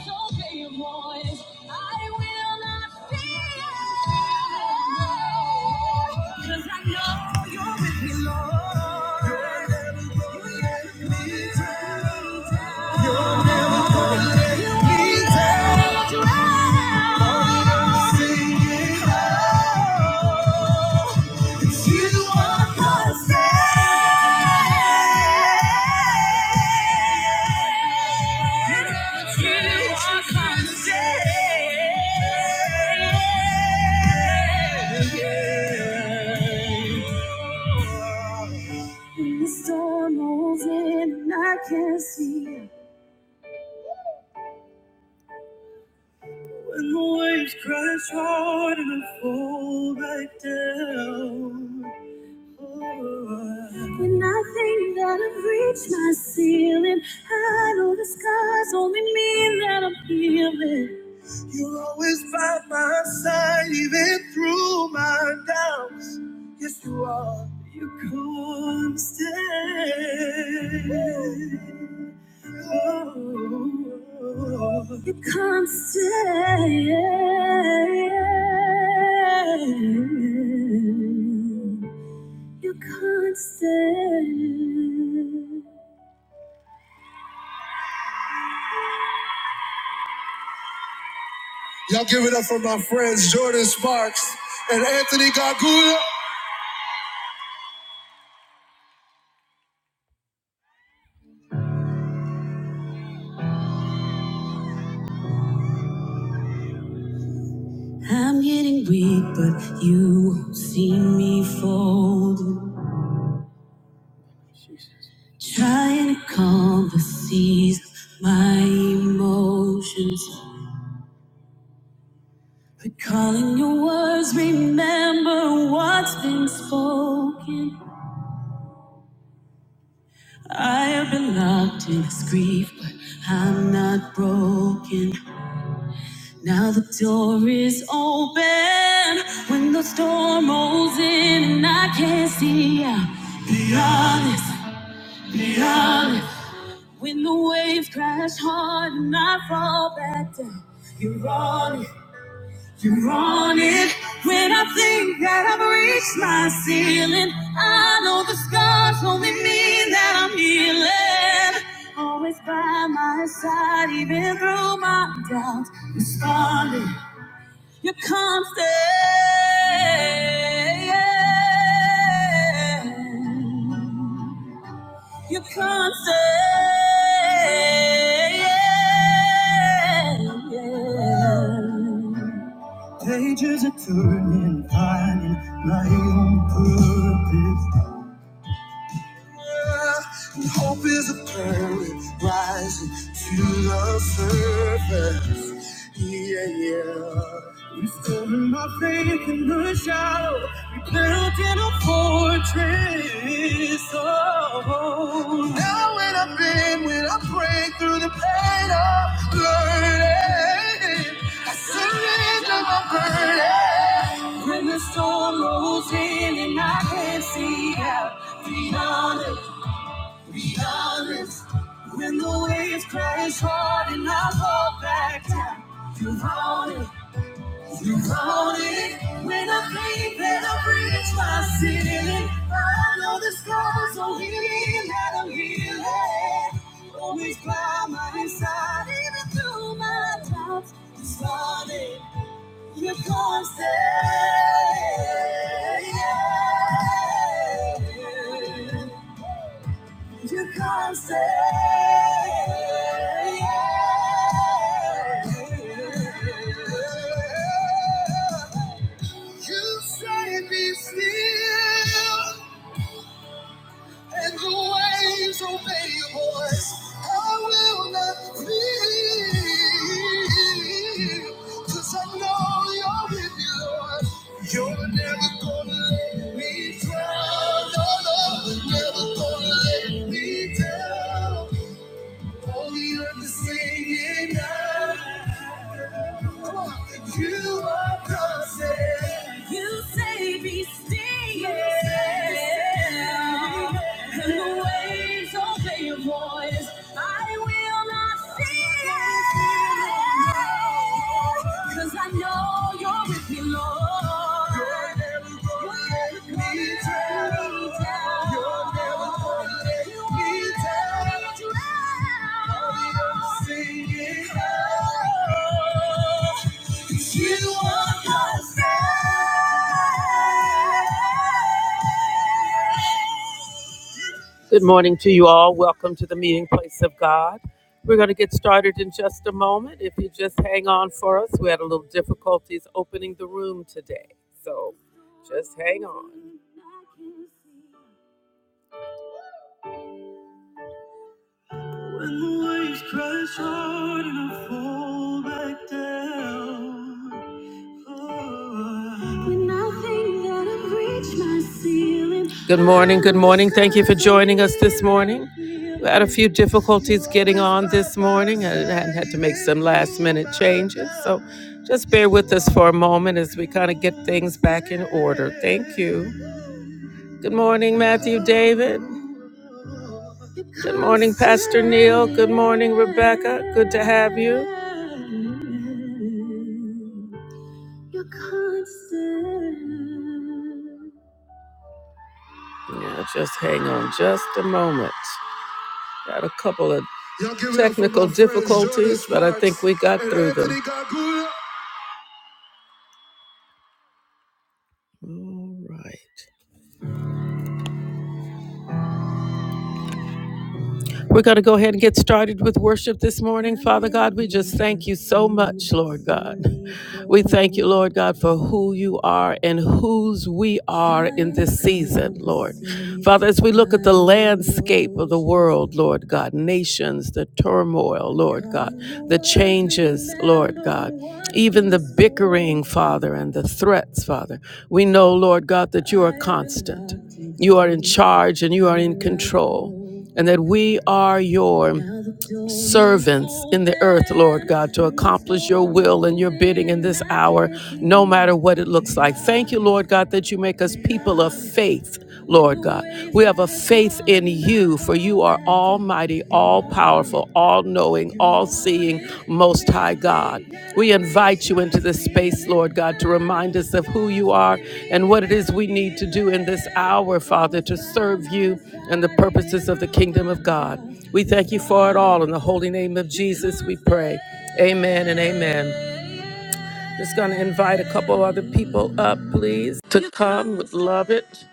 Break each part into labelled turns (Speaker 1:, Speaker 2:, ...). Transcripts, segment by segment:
Speaker 1: obey your voice. I will not fear. 'Cause I know you're with me, Lord. You never let me down. You're never gonna let me will you are constant. You are constant. When the storm rolls in and I can't see When the waves crash hard and I fall back down When I think that I've reached my ceiling, I know the scars only mean that I'm healing. You're always by my side, even through my doubts. Yes, you are. You constant. Oh, you constant. You can't stand. Y'all give it up for my friends Jordan Sparks and Anthony Gargula. I'm getting weak, but you won't see me folding. Trying to calm the seas, my emotions. Recalling your words, remember what's been spoken. I have been locked in this grief, but I'm not broken. Now the door is open when the storm rolls in and I can't see out. Beyond this, beyond this. When the waves crash hard and I fall back down, you're on it, you're on it. When I think that I've reached my ceiling, I know the scars only mean that I'm healing always by my side, even through my doubts. You constant. You constant. Pages are turning, finding my own purpose. Hope is a burning, rising to the surface. Yeah, yeah. Restoring my faith in the shallow, rebuilding a fortress. Oh, now when I've been, when I break through the pain of learning, I surrender my burden. When the storm rolls in and I can't see out beyond it be honest. When the waves crash hard and I fall back down, you want it, you want it. When I think that I've reached my ceiling, I know the scars are healing that I'm healing. Always by my side, even through my doubts. it's want it, you're constant, you're constant. You say be still And the waves obey your voice. I will not fear, cause I know you're with me, Lord. You're never gonna let me drown. No, no, you're never gonna let me down. On the earth is singing out. You are perfect. You say be still. And the waves obey your voice. I will not fear. Cause I know you're with me, Lord. You're never gonna let me down. You're never gonna let me down. I'll be singing. Good morning to you all. Welcome to the meeting place of God. We're going to get started in just a moment. If you just hang on for us, we had a little difficulties opening the room today. So just hang on. Waves crash hard and I fall back down. Good morning, good morning. Thank you for joining us this morning. We had a few difficulties getting on this morning and and had to make some last minute changes. So just bear with us for a moment as we kind of get things back in order. Thank you. Good morning, Matthew David. Good morning, Pastor Neil. Good morning, Rebecca. Good to have you. Yeah, just hang on just a moment. Got a couple of technical difficulties, but I think we got through them. Right. We're going to go ahead and get started with worship this morning. Father God, we just thank you so much, Lord God. We thank you, Lord God, for who you are and whose we are in this season, Lord. Father, as we look at the landscape of the world, Lord God, nations, the turmoil, Lord God, the changes, Lord God, even the bickering, Father, and the threats, Father, we know, Lord God, that you are constant. You are in charge and you are in control and that we are your servants in the earth, Lord God, to accomplish your will and your bidding in this hour, no matter what it looks like. Thank you, Lord God, that you make us people of faith, Lord God. We have a faith in you, for you are almighty, all powerful, all knowing, all seeing, most High God. We invite you into this space, Lord God, to remind us of who you are and what it is we need to do in this hour, Father, to serve you and the purposes of the kingdom of God. We thank you for it all. In the holy name of Jesus, we pray. Amen and amen. Just going to invite a couple other people up, please, to come. Would love it.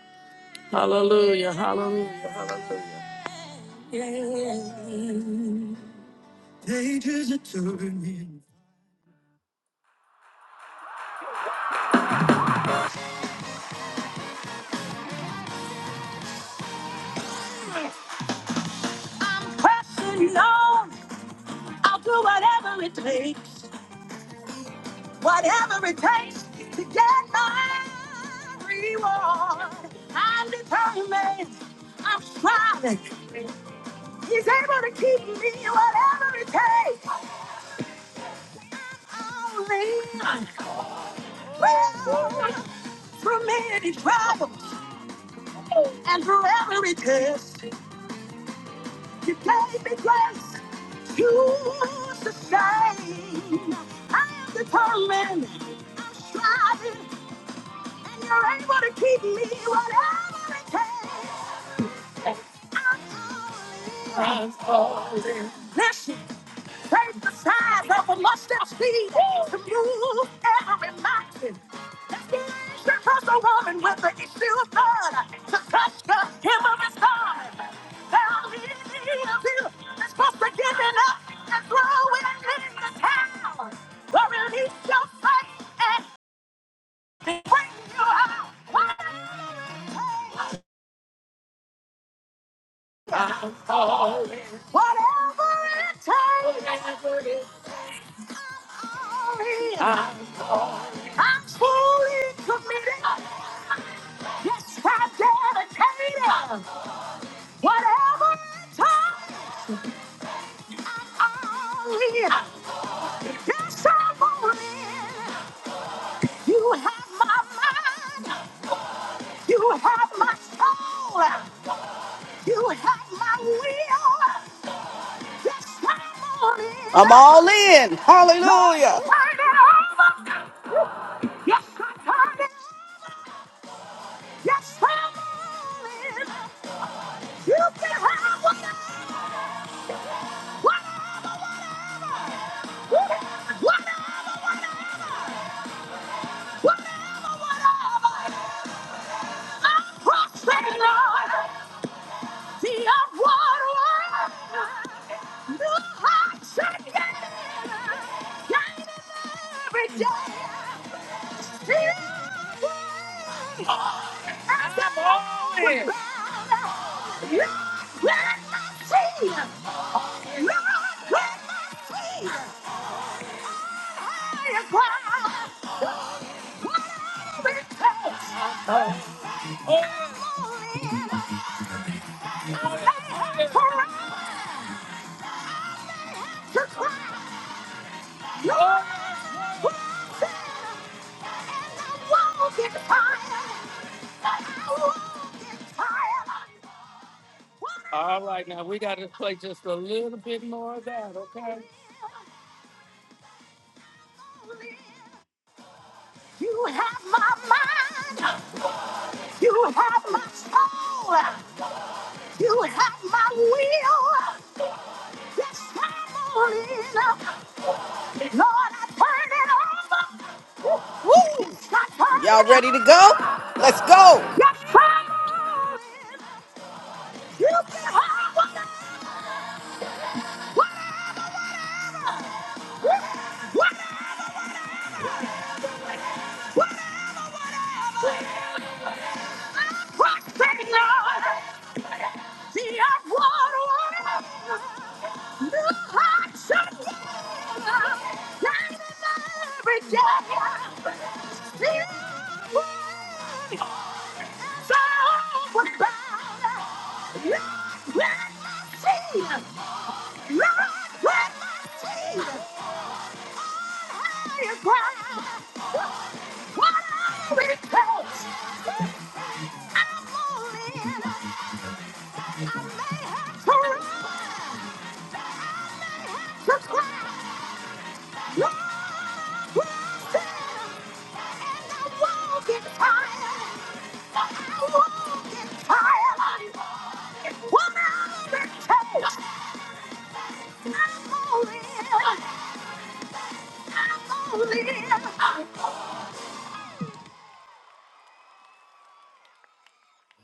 Speaker 1: Hallelujah, hallelujah, hallelujah. Pages are turning. Pressing on. I'll do whatever it takes, whatever it takes to get my reward. I'm determined, I'm striving. He's able to keep me whatever it takes. I'll lean well through many troubles and through every test. You gave me grace to sustain. I am determined, I'm striving. and you're able to keep me whatever it takes. I'm Bless you. Take the size of a mustard seed to move every mountain. It's the issue of the woman with the issue of blood to touch the hem of his garment. Now he is supposed to give it up and throw it in the towel. Or release your faith and bring you out. Whatever it takes, I'm all in. I'm fully committed. Yes, I'm dedicated. Whatever it takes, I'm all in. Yes, I'm all in. You have my mind. You have my soul. You have my will. Yes, I'm all
Speaker 2: I'm
Speaker 1: in.
Speaker 2: all in.
Speaker 1: Lord, I
Speaker 2: Hallelujah.
Speaker 1: turn it over. Yes, I turn it Yes, I'm all in. You can have whatever, whatever, whatever, whatever, whatever. I'm crossing on the upward line. New heights again. Shining every day. The upward line. As the morning. Lord, let my tears. Lord, let my tears. You have my mind. You have my soul. You have my will. Yes, I'm all in. up. Lord, I turn it over.
Speaker 2: Woo!
Speaker 1: Yes, I turn
Speaker 2: Y'all
Speaker 1: it
Speaker 2: ready to go?
Speaker 1: over.
Speaker 2: Let's go.
Speaker 1: Yes, I'm all in. You can have whatever, whatever, whatever. Prospering Lord, the upward one, new hearts are born, light of every day, the upward so was bound, my feet, Lord, my feet, higher ground, what I will I'm all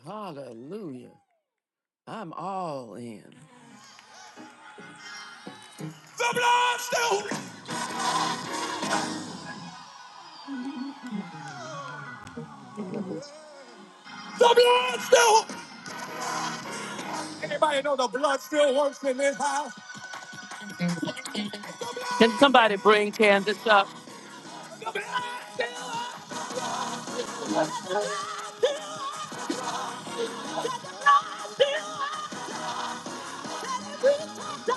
Speaker 1: Hallelujah. I'm all in. The blood still, the blood still. Anybody know the blood still works in this house? No, Still.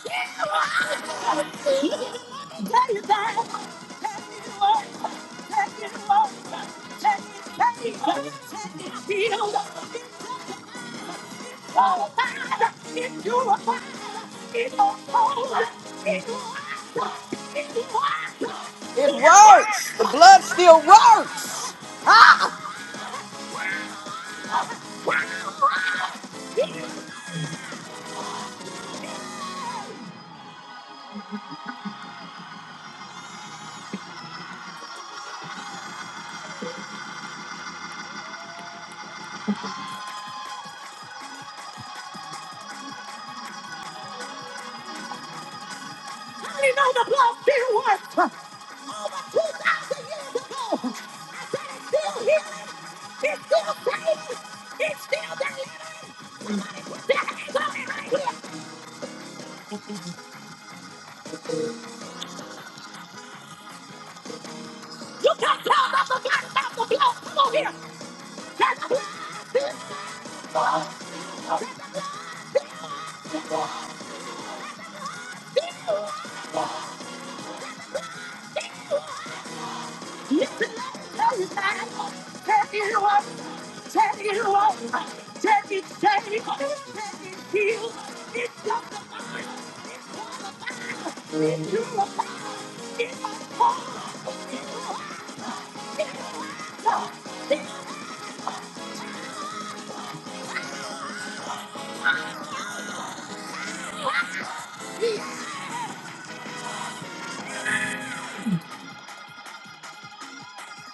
Speaker 1: It's
Speaker 2: It works. The blood still works. Ah,
Speaker 1: I know the blood still works. Over 2,000 years ago, I said it's still healing, it's still saving, it's still delivering. Put your hands on it right here. You can't tell about the blood without the blood. Come on here. Can the blood still works? Listen, let me tell you, man. Can it work? Can it work? Can it change? Can it heal? It's just the mind. It's all about you. It's all about Now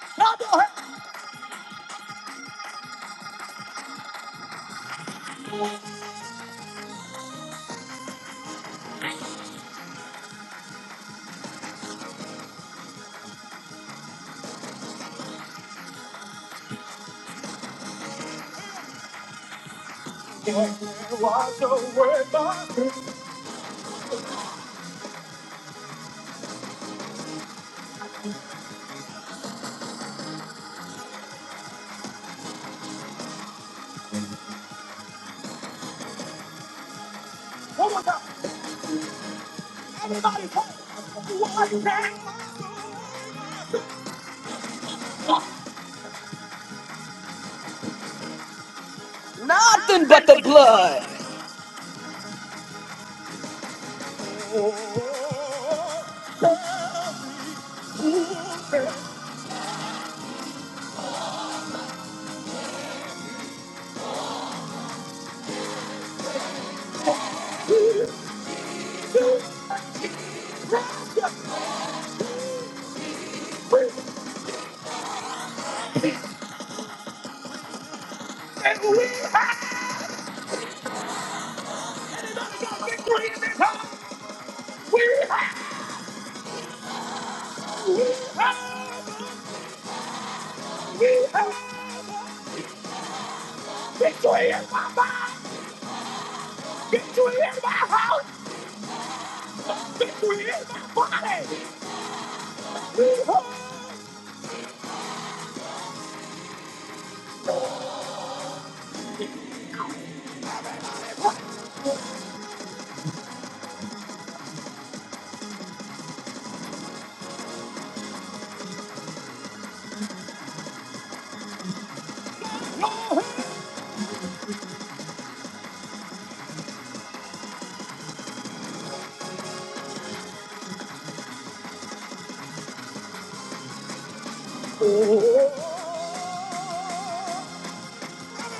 Speaker 1: go ahead and wash away my. Oh my God! Everybody, come and watch me.
Speaker 2: nothing but the blood.
Speaker 1: We and we have to get joy in this house. We have, we have, we have joy in my body, joy in my house, joy in my body. We have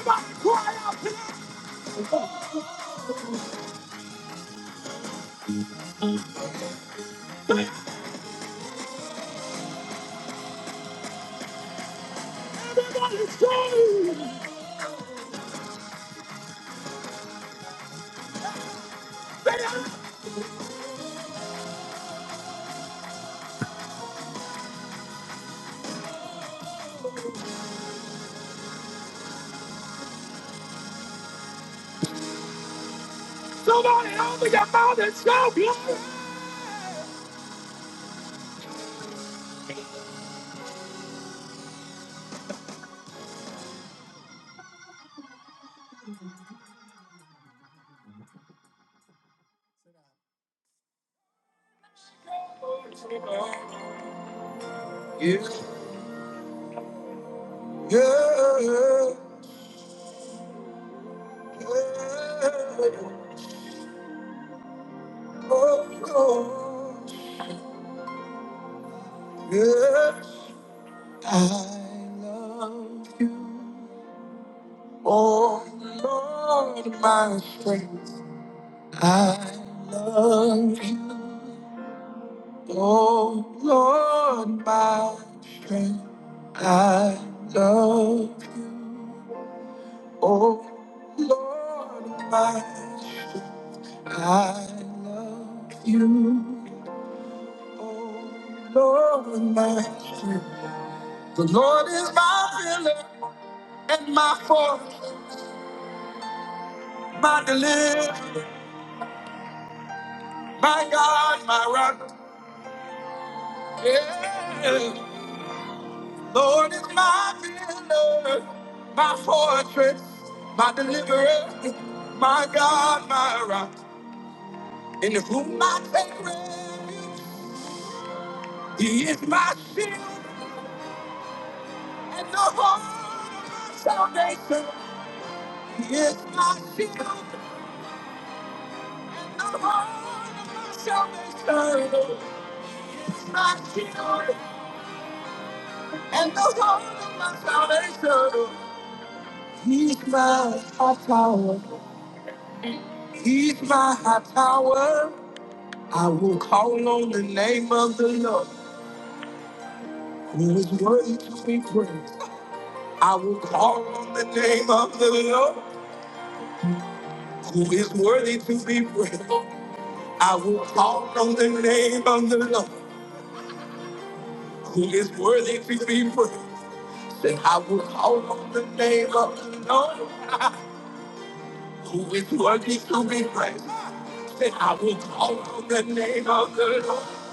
Speaker 1: to cry out tonight. Everybody, join me. Somebody open your mouth and shout glory. Yeah, yeah, oh, Lord, yes, I love you, oh Lord, my strength. I love you, oh Lord, my strength. I love you, oh Lord, my strength. I love you. Lord, my shield. The Lord is my pillar and my fortress, my deliverer, my God, my rock. Yeah. Lord is my pillar, my fortress, my deliverer, my God, my rock. In whom I take refuge, He is my shield and the horn of my salvation. He is my shield salvation, my shield And the Lord of my salvation, He's my high tower. He's my high tower. I will call on the name of the Lord, who is worthy to be praised. I will call on the name of the Lord, who is worthy to be praised. I will call on the name of the Lord, who is worthy to be praised. Then I will call on the name of the Lord, who is worthy to be praised. Then I will call on the name of the Lord,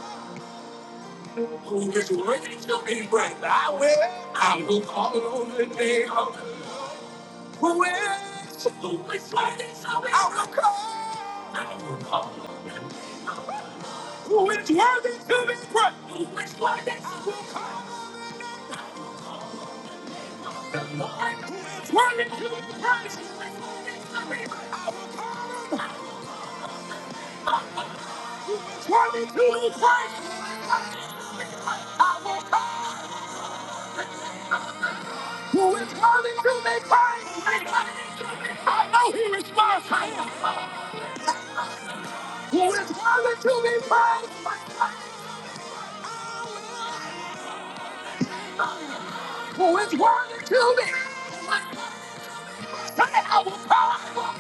Speaker 1: who is worthy to be praised. I will, I will call on the name of the Lord, who is, who is worthy to be praised. I will call, I will call on the name of the Lord, who is worthy to be praised. Who is worthy to be praised. I will call on the name of the Lord. The Lord Who is worthy to make praise? I will call him worthy to be praised. I will call Who is worthy to be praised? I know he is responds. Who is worthy to be praised? Who is worthy to be? Say, I will call.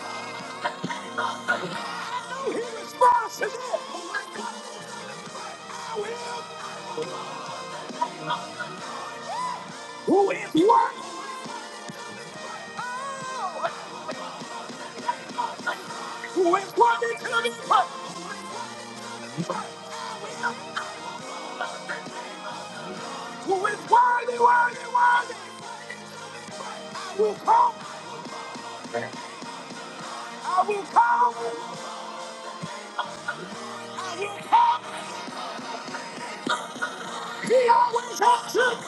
Speaker 1: I know he is to this. I will. Who is worthy? Oh. Who is worthy to be praised? who is worthy, worthy, worthy, will come. I will come. I will come. He always answers.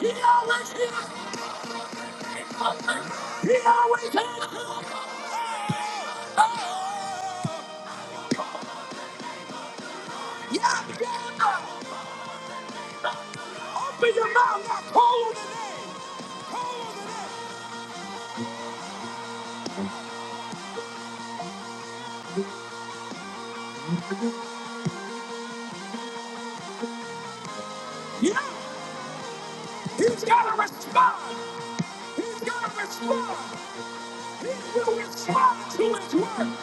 Speaker 1: He always hears. He always answers. Yeah, yeah. Open your mouth and call on the name. Call on the name. Yeah, he's got to respond. He's got to respond. He will respond to his word.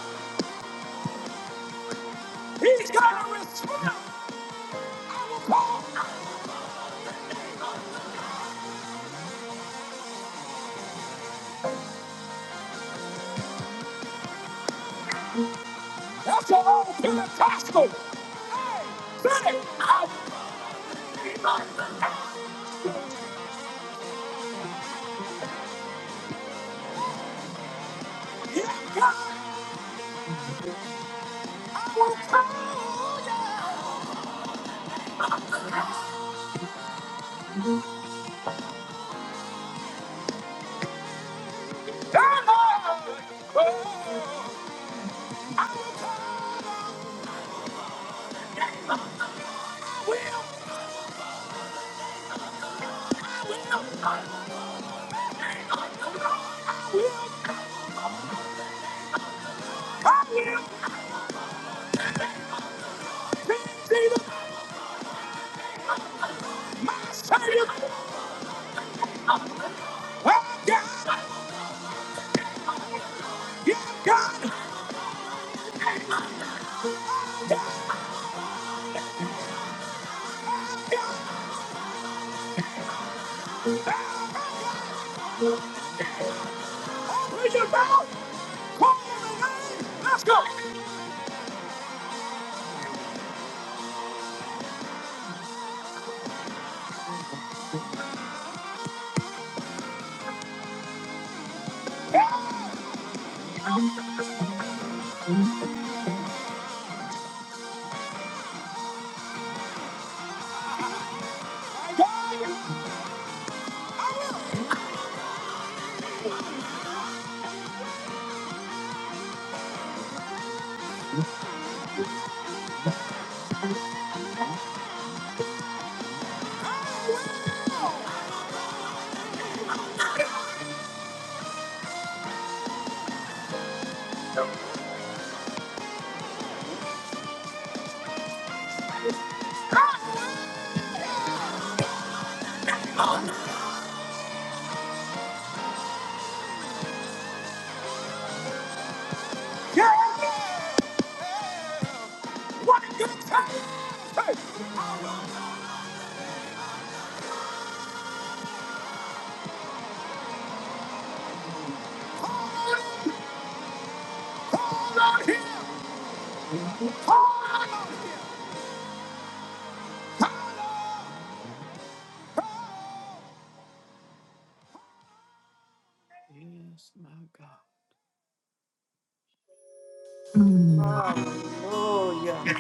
Speaker 1: He's got to respond. I will call. That's your own Pentecostal. Hey, say, it. I'll be back. Yeah, God will come. Come on. Oh, I will be Jesus, my Savior. Oh, yeah, yeah. What a good time. Hey, come on here.
Speaker 2: Hallelujah.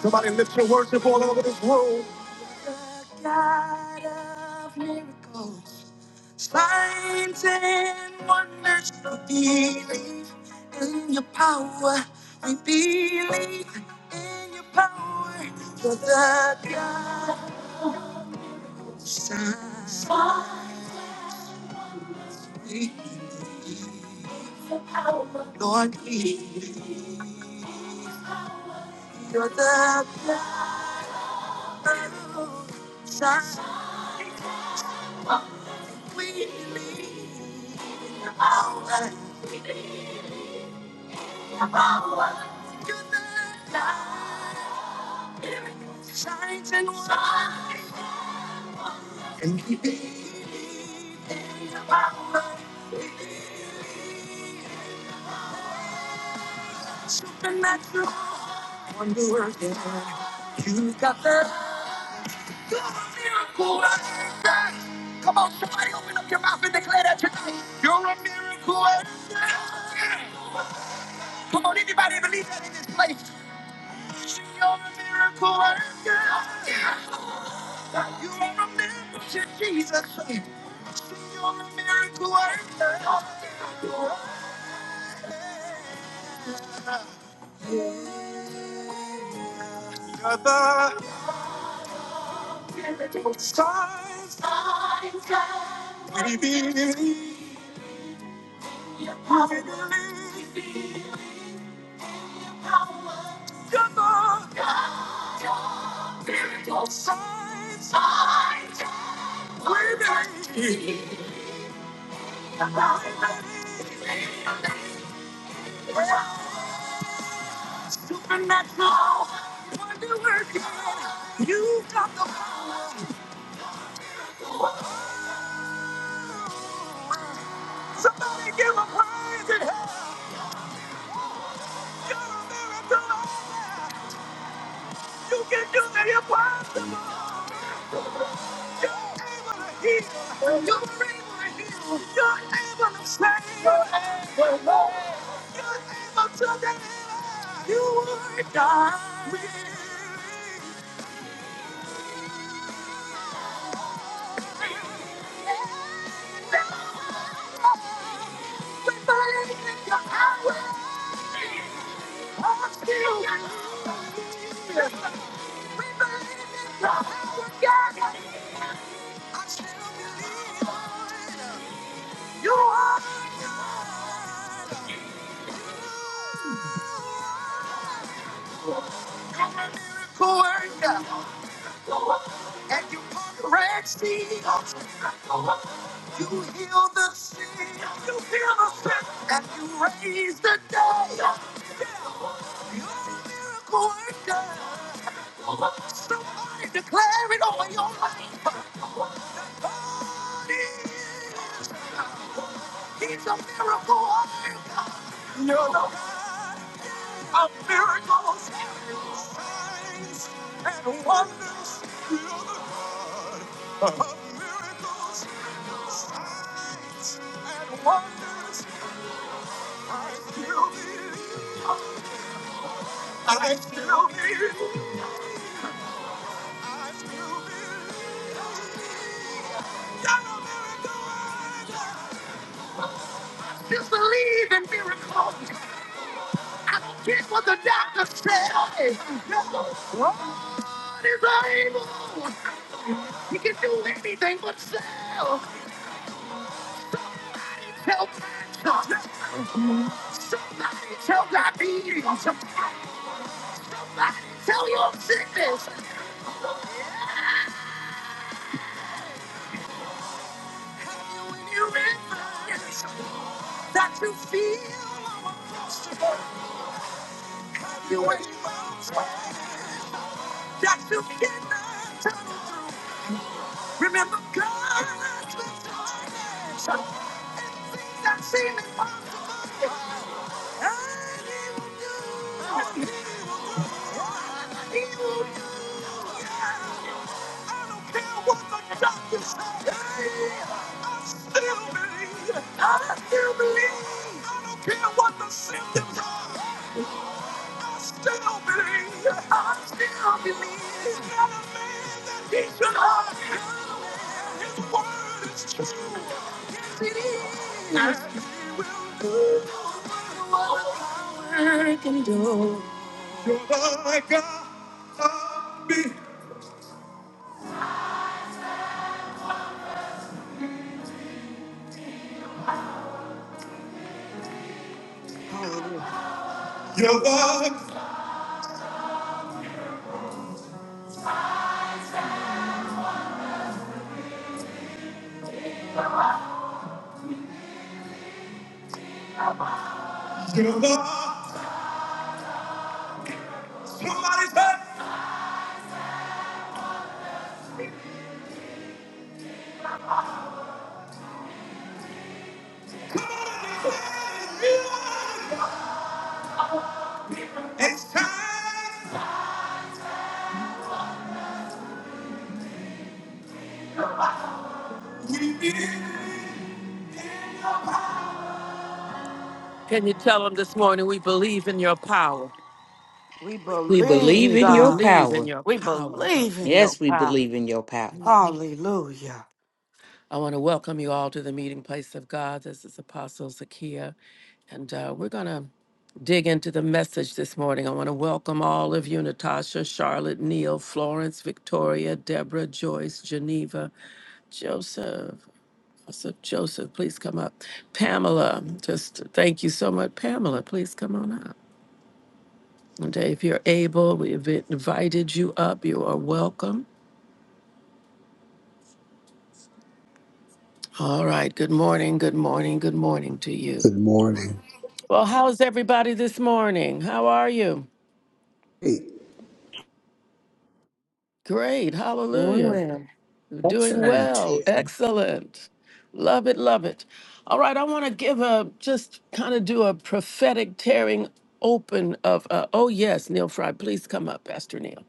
Speaker 1: Somebody lift your worship all over this room. You're the God who completely. All that we need. Signs and wonders. God's miracle Come on, somebody open up your mouth and declare that tonight. You're a miracle Come on, anybody believe that in this place? You're a miracle worker. You are a miracle to Jesus. You're a miracle worker. You're the Signs, signs, we believe, your power, we believe, power, your love, God, miracle signs, signs, we believe, we believe, supernatural, wonder working, you got the power, signs and help, you can do that, your power, coercion, and you conquer Red Sea, You heal the sick. You heal the sick. And you raise the dead. Yeah. You're a miracle worker. Somebody declare it over your life. God is. He's a miracle worker. You're the God of miracles, signs, and wonders. You're the God of miracles, signs, and wonders. And you believe that a miracle worker. Just believe in miracles. Here's what the doctor said. No one is able. He can do things but fail. Help cancer. Somebody tell diabetes. Somebody tell your sickness. Oh, yeah. When you read this. that you feel impossible. You ain't found that you cannot turn through. Remember God has been doing it. And Things that seem impossible, and He will do. He will do. He will do. Yeah. I don't care what the doctors say. I still believe. I still believe. I don't care what the symptoms are. I still believe. I still believe. He's your Lord. You're the God.
Speaker 2: Hallelujah.
Speaker 1: You're the. You're the. Somebody say. Come on, you are. Can you tell them this morning we believe in your power?
Speaker 2: We
Speaker 3: We
Speaker 2: believe,
Speaker 3: believe
Speaker 1: We
Speaker 3: in your
Speaker 2: God.
Speaker 1: believe in
Speaker 3: power.
Speaker 1: your
Speaker 2: We
Speaker 1: power, God.
Speaker 2: believe in your
Speaker 3: Yes, we
Speaker 2: power.
Speaker 3: believe in your power.
Speaker 2: Hallelujah.
Speaker 1: I want to welcome you all to the meeting place of God. This is Apostle Zakia, and uh, we're gonna dig into the message this morning. I want to welcome all of you Natasha, Charlotte, Neil, Florence, Victoria, Deborah, Joyce, Geneva, Joseph. So Joseph, please come up. Pamela, just thank you so much. Pamela, please come on up. And if you're able, we've invited you up. You are welcome. All right. Good morning. Good morning. Good morning to you.
Speaker 4: Good morning.
Speaker 1: Well, how's everybody this morning? How are you?
Speaker 4: Hey,
Speaker 1: Great.
Speaker 3: Doing
Speaker 1: Hallelujah.
Speaker 3: well.
Speaker 1: Doing
Speaker 5: Excellent.
Speaker 1: well.
Speaker 6: space.
Speaker 1: Excellent. Love it, love it. All right, I want to give a just kind of do a prophetic tearing open of uh, oh yes, Neil Fry, please come up, Pastor Neil.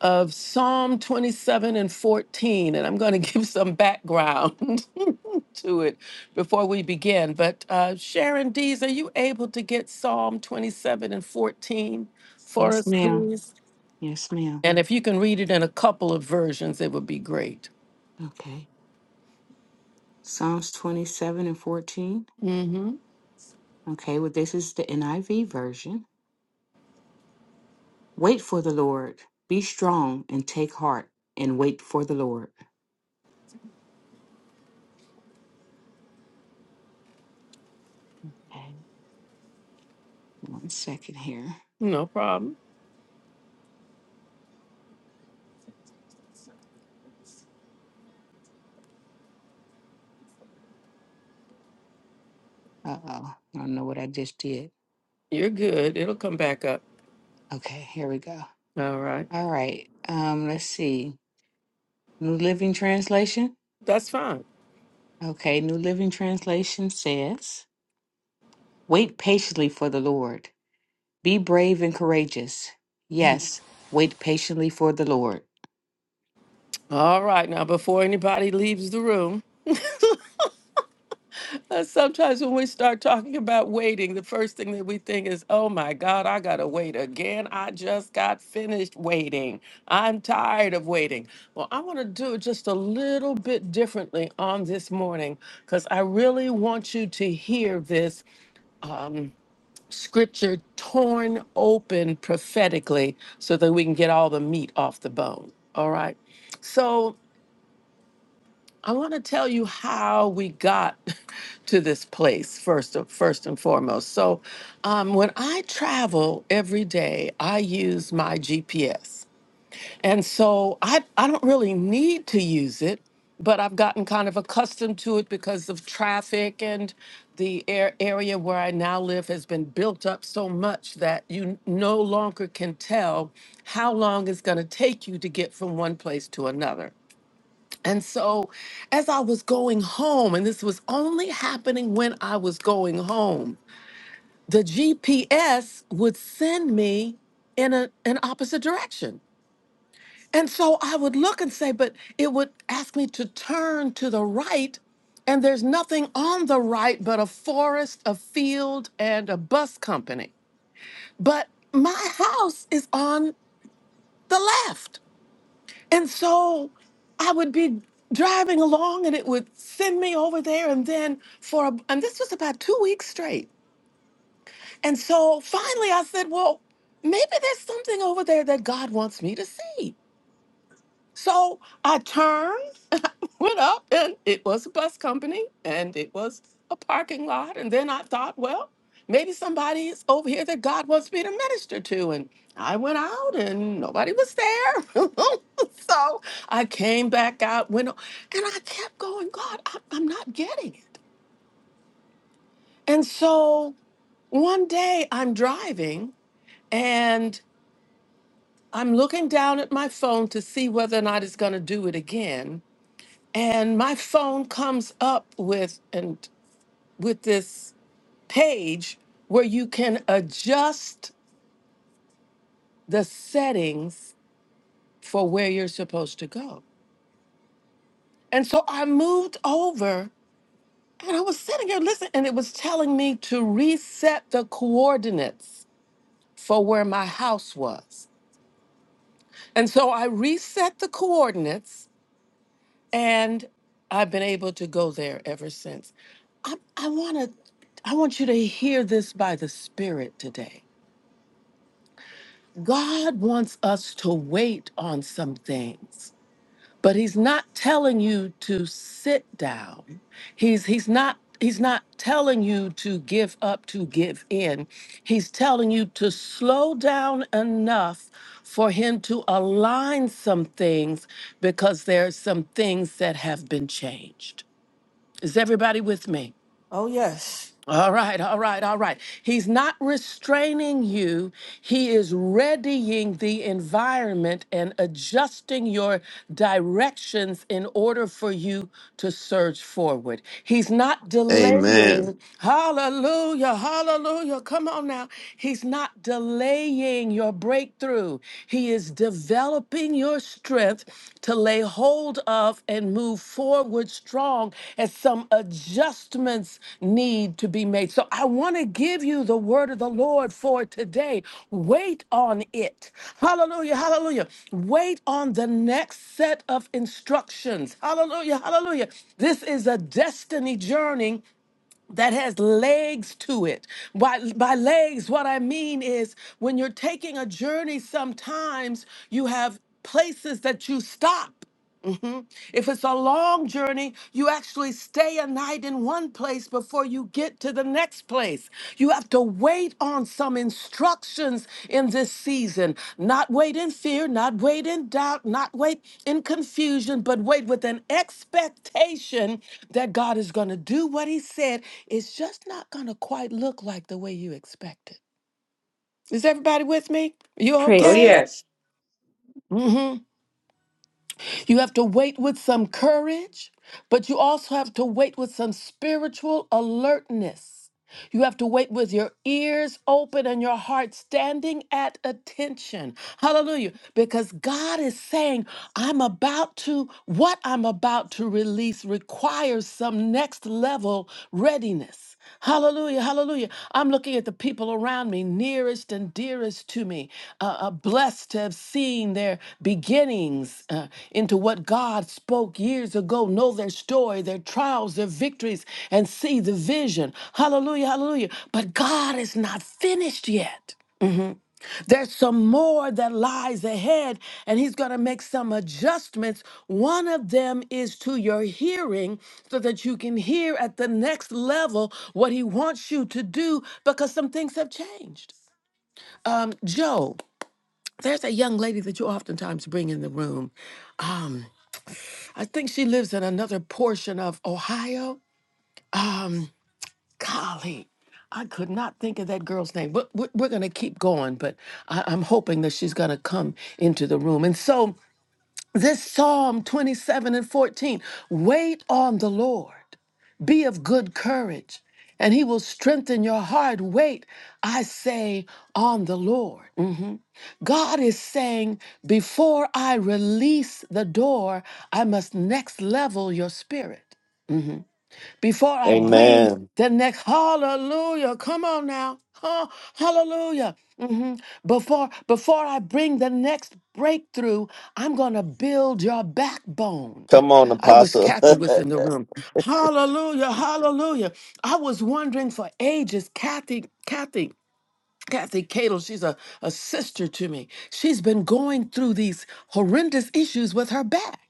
Speaker 1: Of Psalm 27 and 14, and I'm going to give some background to it before we begin. But uh, Sharon Dees, are you able to get Psalm 27 and 14 for
Speaker 3: Yes,
Speaker 1: us,
Speaker 3: ma'am.
Speaker 1: please?
Speaker 3: Yes, ma'am.
Speaker 1: And if you can read it in a couple of versions, it would be great.
Speaker 3: Okay. Psalms 27 and 14. Okay, well, this is the NIV version. Wait for the Lord. Be strong and take heart and wait for the Lord. Okay. One second here.
Speaker 1: No problem.
Speaker 3: Uh oh. I don't know what I just did.
Speaker 1: You're good. It'll come back up.
Speaker 3: Okay, here we go.
Speaker 1: All right.
Speaker 3: All right. Um, let's see. New Living Translation.
Speaker 1: That's fine.
Speaker 3: Okay, New Living Translation says. Wait patiently for the Lord. Be brave and courageous. Yes, wait patiently for the Lord.
Speaker 1: All right. Now, before anybody leaves the room, uh, sometimes when we start talking about waiting, the first thing that we think is, oh my God, I got to wait again. I just got finished waiting. I'm tired of waiting. Well, I want to do it just a little bit differently on this morning because I really want you to hear this scripture torn open prophetically so that we can get all the meat off the bone. All right. So I want to tell you how we got to this place first, first and foremost. So um, when I travel every day, I use my GPS. And so I, I don't really need to use it, but I've gotten kind of accustomed to it because of traffic and the air, area where I now live has been built up so much that you no longer can tell how long it's going to take you to get from one place to another. And so as I was going home, and this was only happening when I was going home, the GPS would send me in a, an opposite direction. And so I would look and say, but it would ask me to turn to the right, and there's nothing on the right but a forest, a field, and a bus company. But my house is on the left. And so I would be driving along and it would send me over there. And then for, a, and this was about two weeks straight. And so finally I said, well, maybe there's something over there that God wants me to see. So I turned, went up, and it was a bus company and it was a parking lot. And then I thought, well, maybe somebody is over here that God wants me to minister to. And I went out and nobody was there. so I came back out, went, o- and I kept going, God, I, I'm not getting it. And so one day I'm driving and I'm looking down at my phone to see whether or not it's going to do it again and my phone comes up with and with this page where you can adjust the settings for where you're supposed to go. And so I moved over and I was sitting here listening and it was telling me to reset the coordinates for where my house was. And so I reset the coordinates and I've been able to go there ever since. I, I want to I want you to hear this by the spirit today. God wants us to wait on some things, but he's not telling you to sit down. He's he's not he's not telling you to give up to give in. He's telling you to slow down enough for him to align some things because there's some things that have been changed. Is everybody with me?
Speaker 2: Oh, yes.
Speaker 1: All right, all right, all right. He's not restraining you. He is readying the environment and adjusting your directions in order for you to surge forward. He's not
Speaker 7: Amen.
Speaker 1: delaying. Hallelujah, hallelujah. Come on now. He's not delaying your breakthrough. He is developing developing your strength to lay hold of and move forward strong as some adjustments need to be made. So I want to give you the word of the Lord for today. Wait on it. Hallelujah. Hallelujah. Wait on the next set of instructions. Hallelujah. Hallelujah. This is a destiny journey that has legs to it. By, by legs, what I mean is when you're taking a journey, sometimes you have places that you stop. Mhm. If it's a long journey, you actually stay a night in one place before you get to the next place. You have to wait on some instructions in this season. Not wait in fear, not wait in doubt, not wait in confusion, but wait with an expectation that God is going to do what He said. It's just not going to quite look like the way you expected. Is everybody with me? You
Speaker 3: Oh,
Speaker 8: Praise
Speaker 1: okay?
Speaker 8: God.
Speaker 3: yes.
Speaker 1: Mm-hmm. You have to wait with some courage, but you also have to wait with some spiritual alertness. You have to wait with your ears open and your heart standing at attention. Hallelujah. Because God is saying, I'm about to, what I'm about to release requires some next level readiness. Hallelujah. Hallelujah. I'm looking at the people around me, nearest and dearest to me, uh, uh, blessed to have seen their beginnings uh, into what God spoke years ago, know their story, their trials, their victories, and see the vision. Hallelujah, hallelujah. But God is not finished yet. There's some more that lies ahead, and he's going to make some adjustments. One of them is to your hearing so that you can hear at the next level what he wants you to do because some things have changed. Um, Job, there's a young lady that you oftentimes bring in the room. Um, I think she lives in another portion of Ohio. Um, golly. I could not think of that girl's name. But we're, we're going to keep going, but I, I'm hoping that she's going to come into the room. And so
Speaker 7: Amen.
Speaker 1: bring the next breakthrough. I'm going to build your backbone.
Speaker 7: Come on,
Speaker 1: I wish
Speaker 7: Apostle.
Speaker 1: Kathy was in the room. Hallelujah, hallelujah. I was wondering for ages, Kathy, Kathy, Kathy Cato, she's a, a sister to me. She's been going through these horrendous issues with her back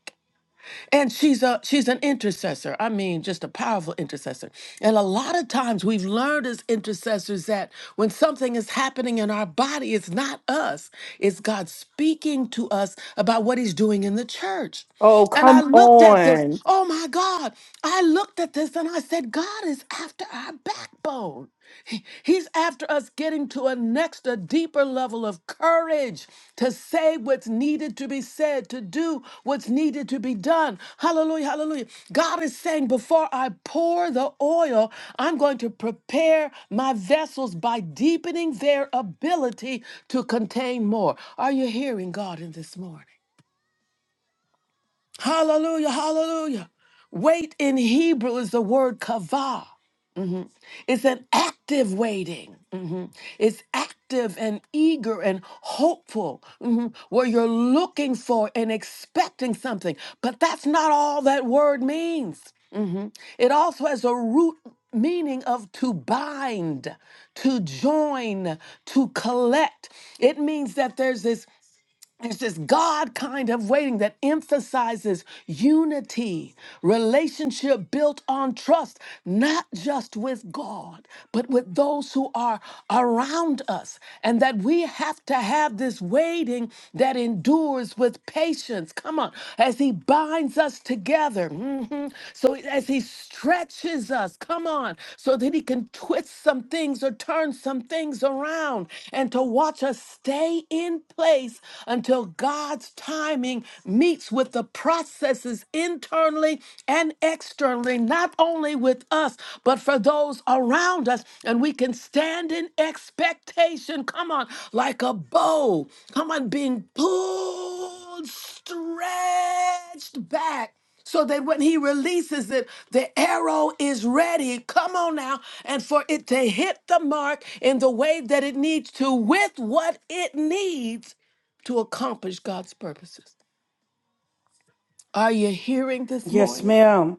Speaker 1: and she's a she's an intercessor i mean just a powerful intercessor and a lot of times we've learned as intercessors that when something is happening in our body it's not us it's god speaking to us about what he's doing in the church
Speaker 2: Oh,
Speaker 1: and i
Speaker 2: come
Speaker 1: looked at this
Speaker 2: on.
Speaker 1: oh my god i looked at this and i said god is after our backbone he- He's after us getting to a next, a deeper level of courage to say what's needed to be said, to do what's needed to be done. Hallelujah, hallelujah. God is saying, before I pour the oil, I'm going to prepare my vessels by deepening their ability to contain more. Are you hearing God in this morning? Hallelujah, hallelujah. Wait in Hebrew is the word kavah. It's an active waiting. Mhm. It's active and eager and hopeful, mhm, where you're looking for and expecting something. But that's not all that word means. Mhm. It also has a root meaning of to bind, to join, to collect. It means that there's this there's this God kind of waiting that emphasizes unity, relationship built on trust, not just with God, but with those who are around us. And that we have to have this waiting that endures with patience. Come on, as He binds us together. mhm. So as He stretches us, come on on so that he can twist some things or turn some things around and to watch us stay in place until God's timing meets with the processes internally and externally, not only with us, but for those around us. And we can stand in expectation, come on, like a bow, come on, being pulled
Speaker 2: Yes, ma'am.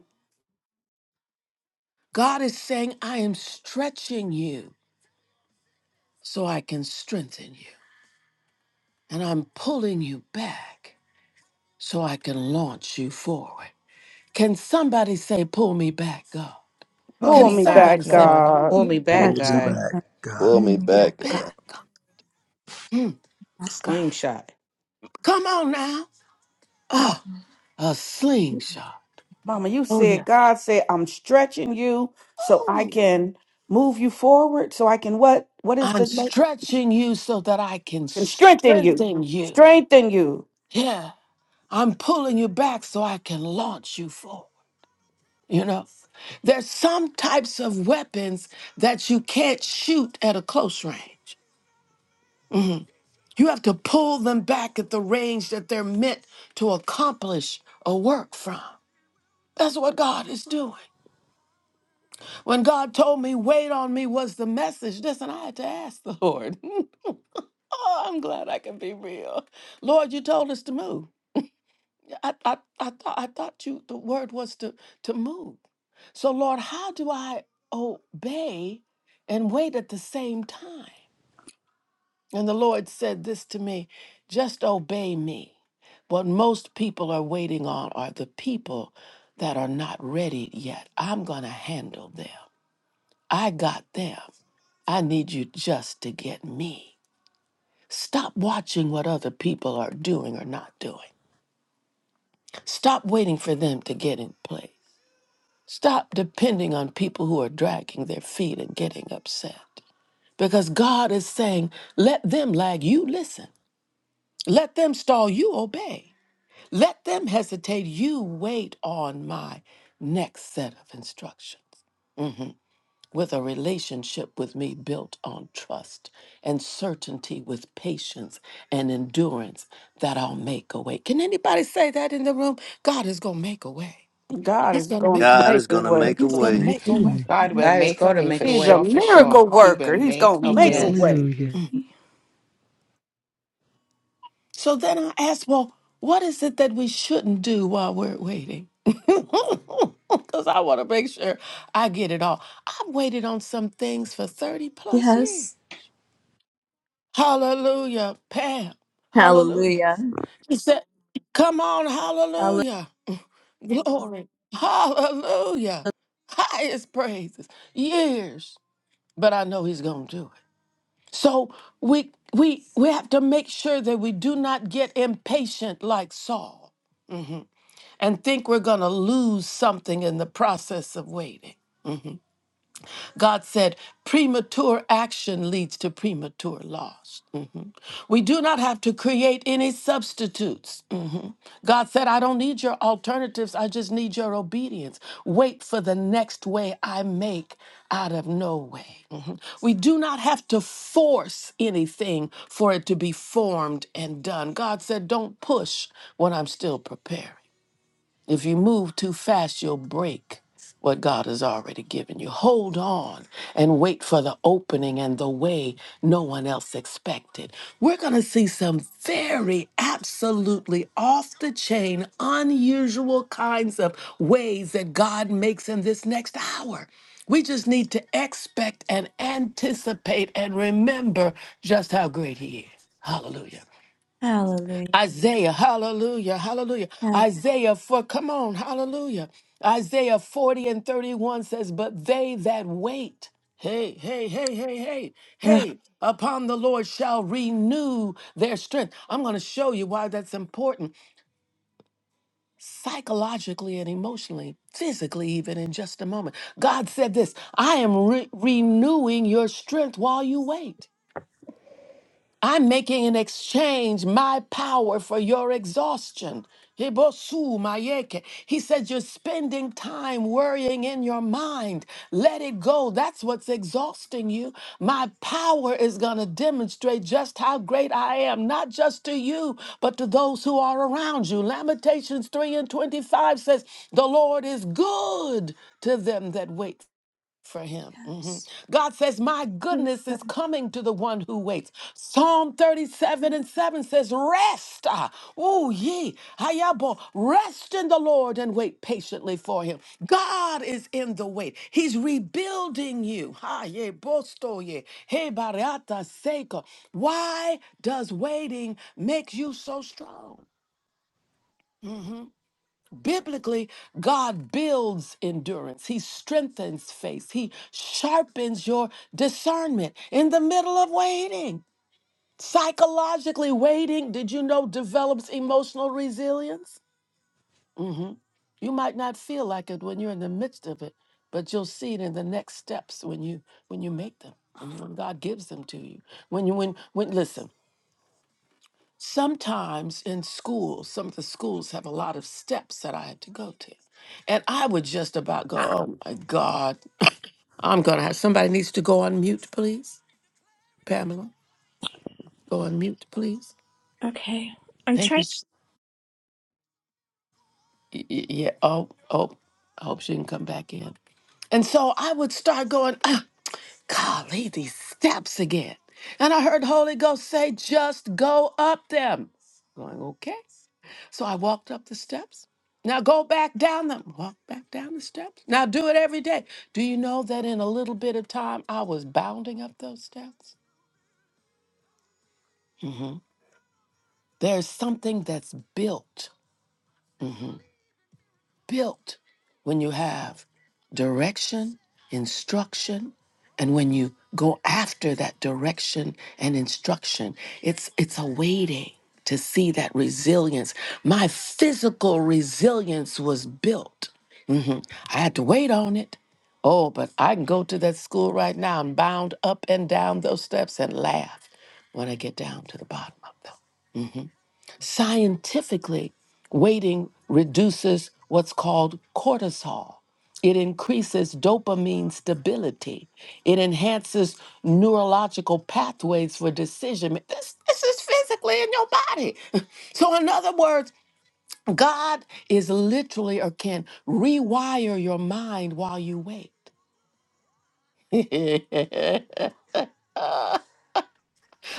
Speaker 1: in you. And I'm pulling you back so I can launch you forward. Can somebody say, Pull me back, God?
Speaker 5: Pull
Speaker 1: Can
Speaker 2: Pull
Speaker 5: me
Speaker 2: me
Speaker 1: somebody
Speaker 5: back,
Speaker 2: back,
Speaker 1: say,
Speaker 5: Lord.
Speaker 1: pull
Speaker 2: God.
Speaker 3: Pull
Speaker 1: me
Speaker 3: me
Speaker 1: back
Speaker 3: back,
Speaker 4: hold
Speaker 8: That's
Speaker 4: me
Speaker 1: God,
Speaker 8: my
Speaker 3: God.
Speaker 4: back,
Speaker 8: God.
Speaker 4: God.
Speaker 7: Pull me
Speaker 1: me
Speaker 8: That
Speaker 7: back.
Speaker 8: God,
Speaker 1: back
Speaker 7: God,
Speaker 1: up"?
Speaker 8: that God.
Speaker 3: Slingshot.
Speaker 1: Come on now. Ah, a slingshot.
Speaker 2: Mama, you
Speaker 1: Oh, yeah.
Speaker 2: said God said I'm stretching you so I can move you forward, so I can what? What is
Speaker 1: I'm
Speaker 2: the
Speaker 1: stretching you so that I can
Speaker 2: can strengthen you?
Speaker 1: strengthen you.
Speaker 2: Strengthen you.
Speaker 1: Yeah. I'm pulling you back so I can launch you forward. You know, there's some types of weapons that you can't shoot at a close range. You have to pull them back at the range that they're meant to accomplish a work from. That's what God is doing. When God told me, wait on me was the message, listen, I had to ask the Lord. oh, I'm glad I can be real. Lord, you told us to move. Yeah, I, I, I, thought, I thought you, the word was to, to move. So, Lord, how do I obey and wait at the same time? And the Lord said this to me just obey me. What most people are waiting on are the people that are not ready yet. I'm going to handle them. I got them. I need you just to get me. Stop watching what other people are doing or not doing. Stop waiting for them to get in place. Stop depending on people who are dragging their feet and getting upset. Because God is saying, let them lag, you listen. Let them stall, you obey. Let them hesitate, you wait on my next set of instructions. with a relationship with me built on trust and certainty with patience and endurance that I'll make a way. Can anybody say that in the room? God is going to make a way.
Speaker 2: God
Speaker 1: He's
Speaker 2: is
Speaker 1: going to
Speaker 2: going
Speaker 1: make
Speaker 2: to
Speaker 7: God
Speaker 2: make
Speaker 7: is
Speaker 2: a
Speaker 7: going to
Speaker 2: way.
Speaker 7: make a
Speaker 1: He's
Speaker 9: going to
Speaker 1: going to
Speaker 7: way.
Speaker 9: make
Speaker 1: make
Speaker 9: a
Speaker 1: a way.
Speaker 9: way.
Speaker 5: God will
Speaker 3: God is
Speaker 5: make a
Speaker 3: going to
Speaker 5: way
Speaker 3: make
Speaker 5: for
Speaker 3: a
Speaker 2: He's a
Speaker 5: sure,
Speaker 3: way.
Speaker 5: for sure.
Speaker 2: miracle
Speaker 5: He will
Speaker 2: worker. He's
Speaker 5: make
Speaker 2: going
Speaker 5: a
Speaker 2: to make
Speaker 8: Yes.
Speaker 2: a
Speaker 5: way.
Speaker 3: Yes.
Speaker 2: way.
Speaker 9: Hallelujah.
Speaker 1: So then I asked, well, what is it that we shouldn't do while we're waiting? Because I want to make sure I get it all. I've waited on some things for 30 plus years.
Speaker 8: Yes.
Speaker 1: Hallelujah. Pam. Hallelujah.
Speaker 8: Hallelujah.
Speaker 1: He said, Come on,
Speaker 8: Hallelujah.
Speaker 1: hallelujah. Glory. Hallelujah. Highest praises. Years. But I know he's gonna do it. So we we we have to make sure that we do not get impatient like Saul and think we're gonna lose something in the process of waiting. God said, premature action leads to premature loss. Mhm. We do not have to create any substitutes. Mhm. God said, I don't need your alternatives. I just need your obedience. Wait for the next way I make out of no way. Mhm. We do not have to force anything for it to be formed and done. God said, don't push when I'm still preparing. If you move too fast, you'll break what God has already given you. Hold on and wait for the opening and the way no one else expected. We're going to see some very absolutely off the chain, unusual kinds of ways that God makes in this next hour. We just need to expect and anticipate and remember just how great He is. Hallelujah.
Speaker 8: Hallelujah.
Speaker 1: Isaiah, hallelujah, hallelujah.
Speaker 8: Hall-
Speaker 1: Isaiah, for come on, hallelujah. Isaiah 40 and 31 says, But they that wait, hey, hey, hey, hey, hey,
Speaker 8: Ugh,
Speaker 1: hey, upon the Lord shall renew their strength. I'm going to show you why that's important psychologically and emotionally, physically, even in just a moment. God said this I am re- renewing your strength while you wait. I'm making an exchange, my power for your exhaustion. Hibosu mayeke. He said, You're spending time worrying in your mind. Let it go. That's what's exhausting you. My power is going to demonstrate just how great I am, not just to you, but to those who are around you. Lamentations 3 and 25 says, The Lord is good to them that wait for him. Mhm.
Speaker 8: Yes.
Speaker 1: God says, My
Speaker 8: Praise
Speaker 1: goodness is
Speaker 8: God.
Speaker 1: coming to the one who waits. Psalm 37 and 7 says, Rest, ah, oh ye, hayabo, rest in the Lord and wait patiently for him. God is in the wait. He's rebuilding you. Ha ye bosto ye, he bariata seka. Why does waiting make you so strong? Biblically, God builds endurance. He strengthens faith. He sharpens your discernment in the middle of waiting. Psychologically, waiting, did you know, develops emotional resilience? hmm You might not feel like it when you're in the midst of it, but you'll see it in the next steps when you when you make them, mhm, when God gives them to you. When you when when listen. Sometimes in schools, some of the schools have a lot of steps that I had to go to. And I would just about go, oh my God, I'm going to have somebody needs to go on mute, please. Pamela, go on mute, please.
Speaker 8: Okay. I'm
Speaker 1: Thank you.
Speaker 8: trying
Speaker 1: s- y- y- Yeah. Oh, oh, I hope she can come back in. built when you have direction, instruction, and when you go after that direction and instruction. It's it's a waiting to see that resilience. My physical resilience was built. Mhm. I had to wait on it. Oh, but I can go to that school right now and bound up and down those steps and laugh when I get down to the bottom of them. Scientifically, waiting reduces what's called cortisol. It increases dopamine stability. It enhances neurological pathways for decision. ma- This, this is physically in your body. So, in other words, God is literally or can rewire your mind while you wait.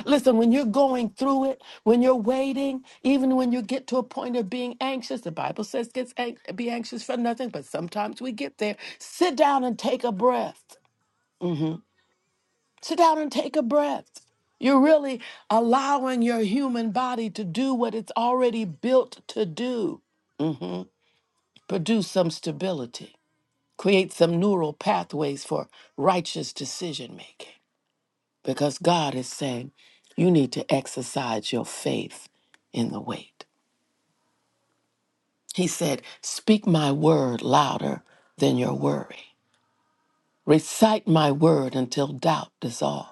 Speaker 1: Listen, when you're going through it, when you're waiting, even when you get to a point of being anxious, the Bible says gets anx- be anxious for nothing, but sometimes we get there. Sit down and take a breath. Sit down and take a breath. You're really allowing your human body to do what it's already built to do. Mhm. Produce some stability, create some neural pathways for righteous decision making. Because God is saying, you need to exercise your faith in the wait. He said, Speak my word louder than your worry. Recite my word until doubt dissolves.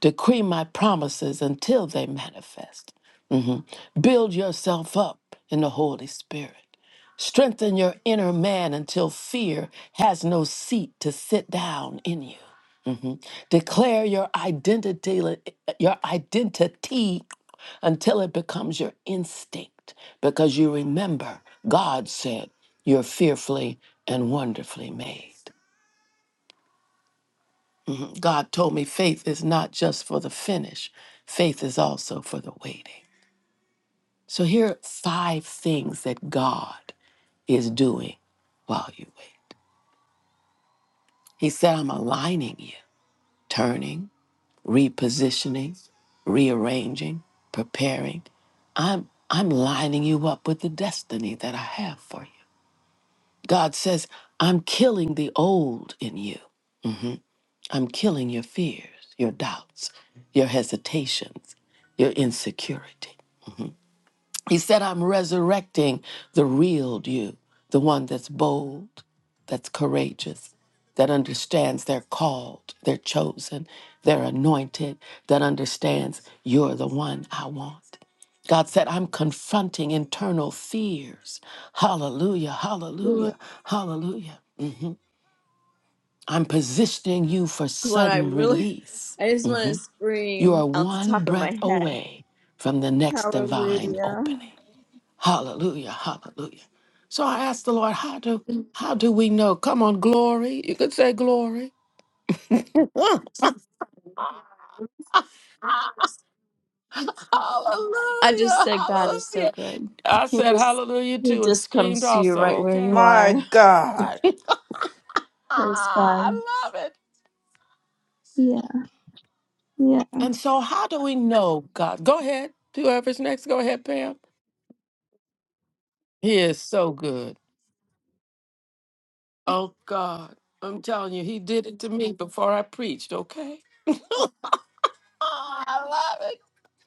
Speaker 1: Decree my promises until they manifest. Mhm. Build yourself up in the Holy Spirit. Strengthen your inner man until fear has no seat to sit down in you. Mhm. Declare your identity, your identity until it becomes your instinct, because you remember God said you're fearfully and wonderfully made. God told me faith is not just for the finish, faith is also for the waiting. So here are five things that God is doing while you wait. He said, I'm aligning you, turning, repositioning, rearranging, preparing. I'm I'm lining you up with the destiny that I have for you. God says, I'm killing the old in you. I'm killing your fears, your doubts, your hesitations, your insecurity. He said, I'm resurrecting the real you, the one that's bold, that's courageous, that understands they're called, they're chosen, they're anointed, that understands you're the one I want. God said, I'm confronting internal fears. Hallelujah,
Speaker 8: to
Speaker 1: hallelujah, hallelujah. I'm positioning you for
Speaker 8: do what
Speaker 1: sudden
Speaker 8: I'm really
Speaker 1: release.
Speaker 8: I just want to
Speaker 1: You
Speaker 8: scream
Speaker 1: are
Speaker 8: out the
Speaker 1: one
Speaker 8: top of my
Speaker 1: breath
Speaker 8: head.
Speaker 1: away from.
Speaker 8: Hallelujah. I just said God is so good. He just he just comes to you right where you
Speaker 2: My
Speaker 8: are.
Speaker 2: God.
Speaker 8: Praise God. Yeah. yeah.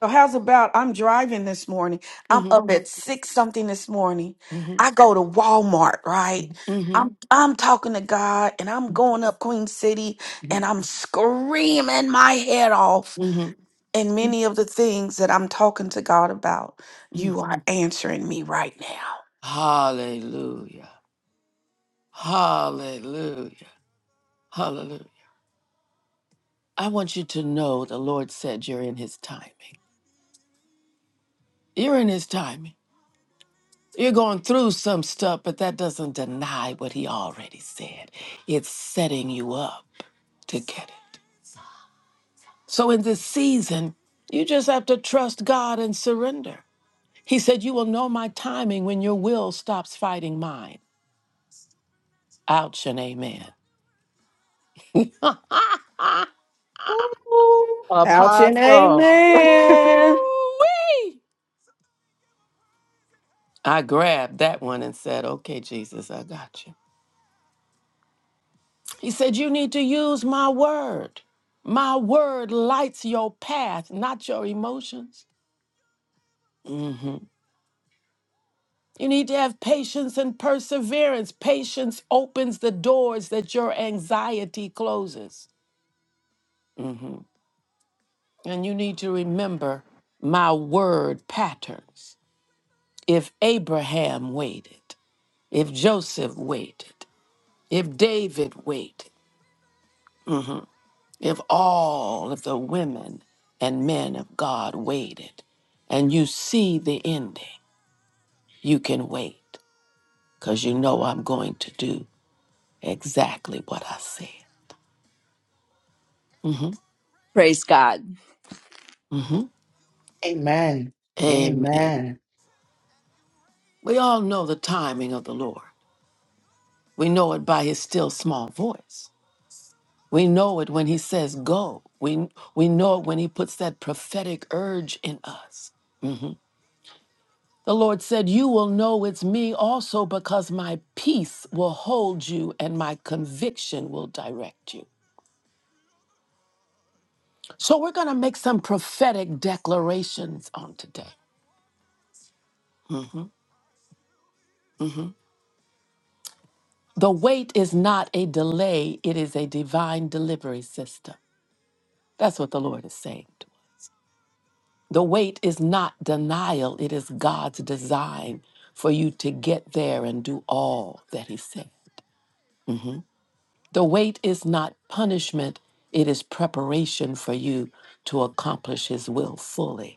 Speaker 2: So how's about I'm driving this morning. I'm up at six something this morning. I go to Walmart, right?
Speaker 1: Mhm,
Speaker 2: I'm I'm talking to God and I'm going up Queen City and I'm screaming my head off
Speaker 1: mhm,
Speaker 2: And many of the things that I'm talking to God about,
Speaker 1: mhm.
Speaker 2: you are answering me right now.
Speaker 1: Hallelujah. Hallelujah. Hallelujah. I want you to know the Lord said you're in his timing. You're in his timing. You're going through some stuff, but that doesn't deny what he already said. It's setting you up to get it. So in this season, you just have to trust God and surrender. He said, You will know my timing when your will stops fighting mine. Ouch and amen.
Speaker 2: Ouch and amen.
Speaker 1: I grabbed that one and said, Okay, Jesus, I got you. He said, You need to use my word. A word lights your path, not your emotions. And exactly.
Speaker 8: Praise God.
Speaker 5: Amen.
Speaker 1: Amen.
Speaker 5: Amen.
Speaker 1: We all know the timing of the Lord. We know it by his still small voice. We know it when he says go. We, we know it when he puts that prophetic urge in us. The Lord said, You will know it's me also because my peace will hold you and my conviction will direct you. So we're going to make some prophetic declarations on today. The wait is not a delay, it is a divine delivery system. That's what the Lord is saying. to us. The wait is not denial, it is God's design for you to get there and do all that He said. The wait is not punishment, it is preparation for you to accomplish His will fully.